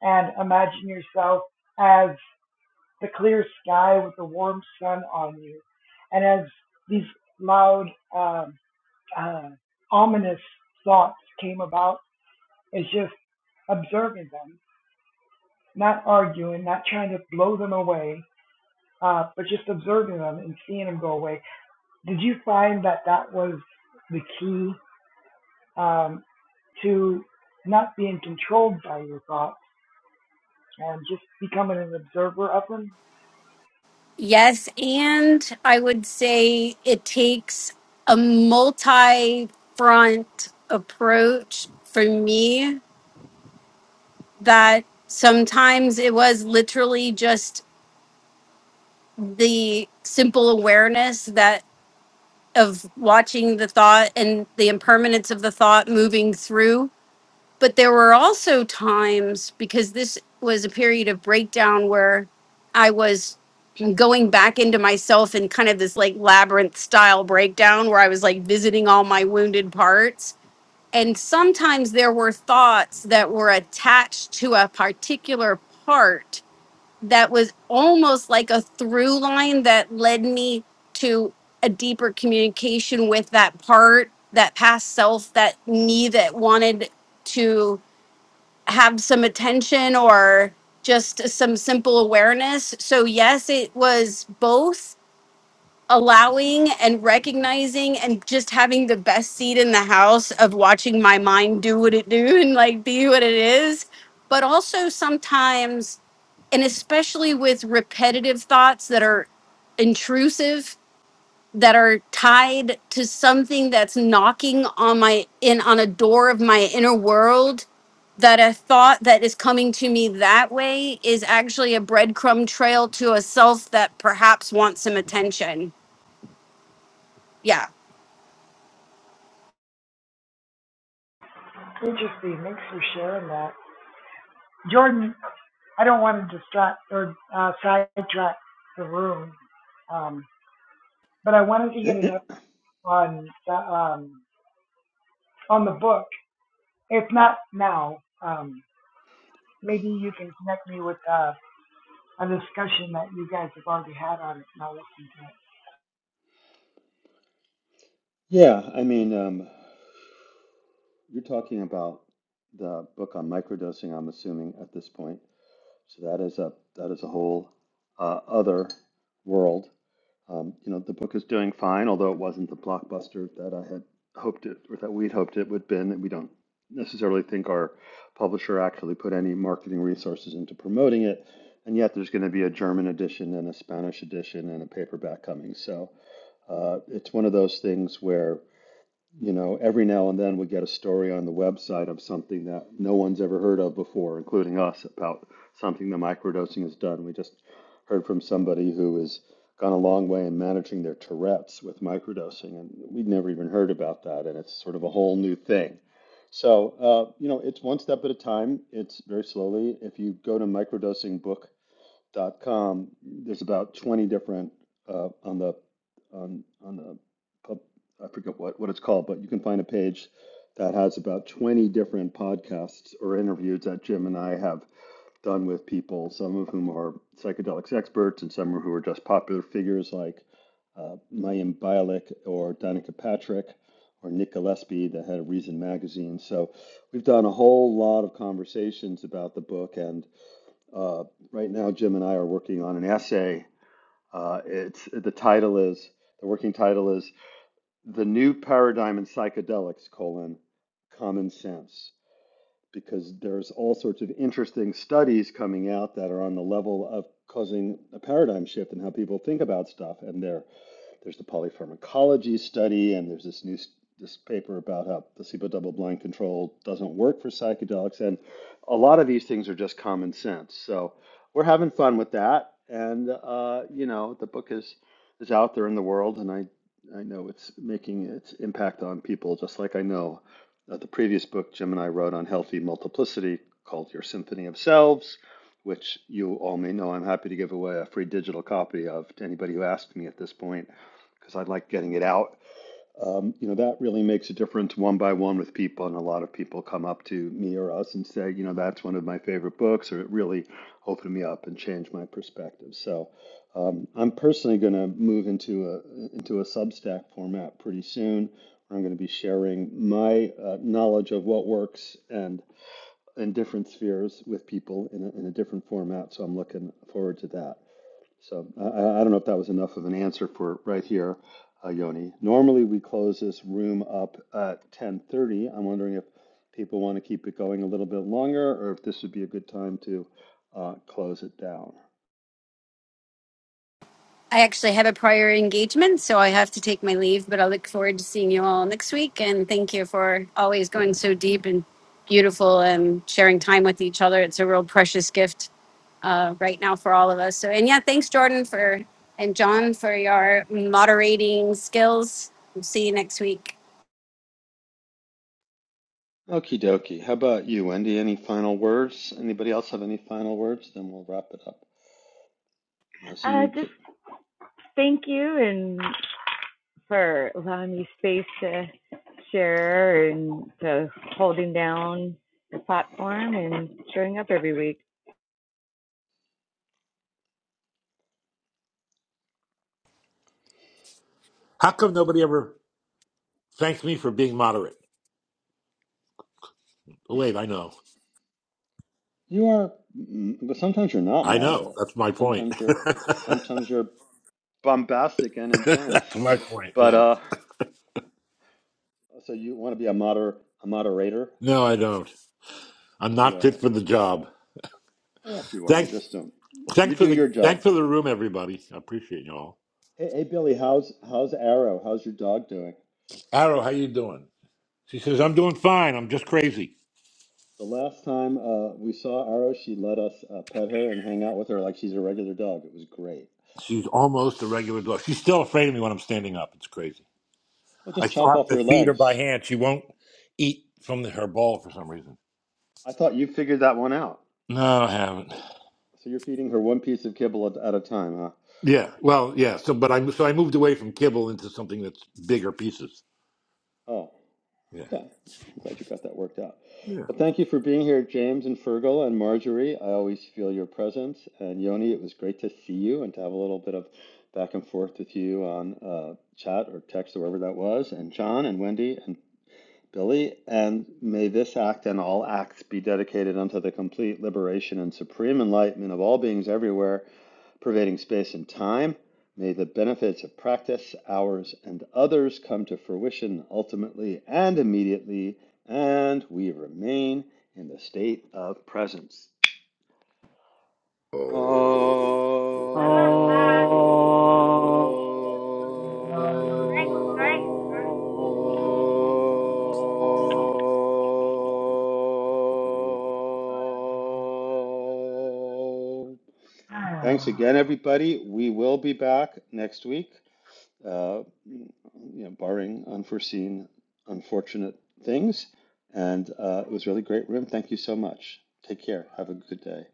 And imagine yourself as the clear sky with the warm sun on you, and as these loud, um, uh, ominous thoughts came about, it's just observing them, not arguing, not trying to blow them away, uh, but just observing them and seeing them go away. Did you find that that was the key um, to not being controlled by your thoughts and just becoming an observer of them?
Yes, and I would say it takes a multi front approach for me that sometimes it was literally just the simple awareness that of watching the thought and the impermanence of the thought moving through. But there were also times because this was a period of breakdown where I was. going back into myself in kind of this like labyrinth style breakdown where I was like visiting all my wounded parts. And sometimes there were thoughts that were attached to a particular part that was almost like a through line that led me to a deeper communication with that part, that past self, that me that wanted to have some attention or just some simple awareness. So, yes, it was both allowing and recognizing and just having the best seat in the house of watching my mind do what it do and like be what it is but also sometimes and especially with repetitive thoughts that are intrusive that are tied to something that's knocking on my in on a door of my inner world that a thought that is coming to me that way is actually a breadcrumb trail to a self that perhaps wants some attention Yeah.
Interesting. Thanks for sharing that. Jordan, I don't want to distract or uh, sidetrack the room, um, but I wanted to get an up on the, um, on the book. If not now, um, maybe you can connect me with. uh, a discussion that you guys have already had on it, and I'll listen
yeah, I mean, um, you're talking about the book on microdosing, I'm assuming at this point. So that is a that is a whole uh, other world Um, you know, the book is doing fine, although it wasn't the blockbuster that I had hoped it, or that we'd hoped it would have been. And We don't necessarily think our publisher actually put any marketing resources into promoting it, and yet there's going to be a German edition and a Spanish edition and a paperback coming. So uh, it's one of those things where you know, every now and then we get a story on the website of something that no one's ever heard of before, including us, about something the microdosing has done. We just heard from somebody who has gone a long way in managing their Tourette's with microdosing, and we'd never even heard about that, and it's sort of a whole new thing. So, uh, you know, it's one step at a time. It's very slowly. If you go to microdosingbook dot com, there's about 20 different uh, on the on on the pub- I forget what what it's called, but you can find a page that has about 20 different podcasts or interviews that Jim and I have done with people, some of whom are psychedelics experts and some who are just popular figures like uh, Mayim Bialik or Danica Patrick or Nick Gillespie, the head of Reason Magazine. So we've done a whole lot of conversations about the book and uh, right now, Jim and I are working on an essay. Uh, it's the title is the working title is "The New Paradigm in Psychedelics: colon, Common Sense." because there's all sorts of interesting studies coming out that are on the level of causing a paradigm shift in how people think about stuff. And there, there's the polypharmacology study, and there's this new this paper about how placebo double blind control doesn't work for psychedelics, and a lot of these things are just common sense. So we're having fun with that, and uh, you know the book is is out there in the world, and I I know it's making its impact on people, just like I know uh, the previous book Jim and I wrote on healthy multiplicity called Your Symphony of Selves, which you all may know I'm happy to give away a free digital copy of to anybody who asks me at this point because I like getting it out um, you know, that really makes a difference one by one with people. And a lot of people come up to me or us and say, you know, that's one of my favorite books, or it really opened me up and changed my perspective. So um, I'm personally going to move into a into a Substack format pretty soon. where I'm going to be sharing my uh, knowledge of what works and in different spheres with people in a, in a different format. So I'm looking forward to that. So I, I don't know if that was enough of an answer for right here, uh, Yoni. Normally we close this room up at 10:30. I'm wondering if people want to keep it going a little bit longer, or if this would be a good time to uh, close it down.
I actually have a prior engagement, so I have to take my leave, but I look forward to seeing you all next week. And thank you for always going so deep and beautiful and sharing time with each other. It's a real precious gift uh, right now for all of us. So, and yeah, thanks, Jordan, for and John for your moderating skills. We'll see you next week.
Okie dokie. How about you, Wendy? Any final words? Anybody else have any final words? Then we'll wrap it up. I see
uh,
you.
just
J-
thank you and for allowing me space to share and to holding down the platform and showing up every week.
How come nobody ever thanks me for being moderate? Oh, wait, I know.
You are, mm, but sometimes you're not
I know.
moderate.
That's my point.
Sometimes you're, sometimes you're bombastic and intense.
That's my point.
But
Yeah.
uh. So you want to be a moder a moderator?
No, I don't. I'm not fit
Yeah.
for the job.
Yes, you are. You
Thanks.
just don't. You
Thanks for
do
the
your
thanks
job.
for the room, everybody. I appreciate you all.
Hey, hey, Billy, how's how's Arrow? How's your dog doing?
Arrow, how you doing? She says, I'm doing fine. I'm just crazy.
The last time uh, we saw Arrow, she let us uh, pet her and hang out with her like she's a regular dog. It was great.
She's almost a regular dog. She's still afraid of me when I'm standing up. It's crazy.
Well,
I
just
still
chop
have
off
to
your
feed her by
legs.
hand. She won't eat from the, her bowl for some reason.
I thought you figured that one out.
No, I haven't.
So you're feeding her one piece of kibble at, at a time, huh?
Yeah. Well, yeah. So, but I so I moved away from kibble into something that's bigger pieces.
Oh.
Yeah.
Okay. I'm glad you got that worked out.
Yeah.
Well, thank you for being here, James and Fergal and Marjorie. I always feel your presence. And Yoni, it was great to see you and to have a little bit of back and forth with you on uh, chat or text or wherever that was. And John and Wendy and Billy, and may this act and all acts be dedicated unto the complete liberation and supreme enlightenment of all beings everywhere, pervading space and time. May the benefits of practice, ours, and others come to fruition ultimately and immediately, and we remain in the state of presence.
Oh.
Om.
to
Thanks
it.
again, everybody. We will be back next week, uh, you know, barring unforeseen, unfortunate things. And uh, it was really great room. Thank you so much. Take care. Have a good day.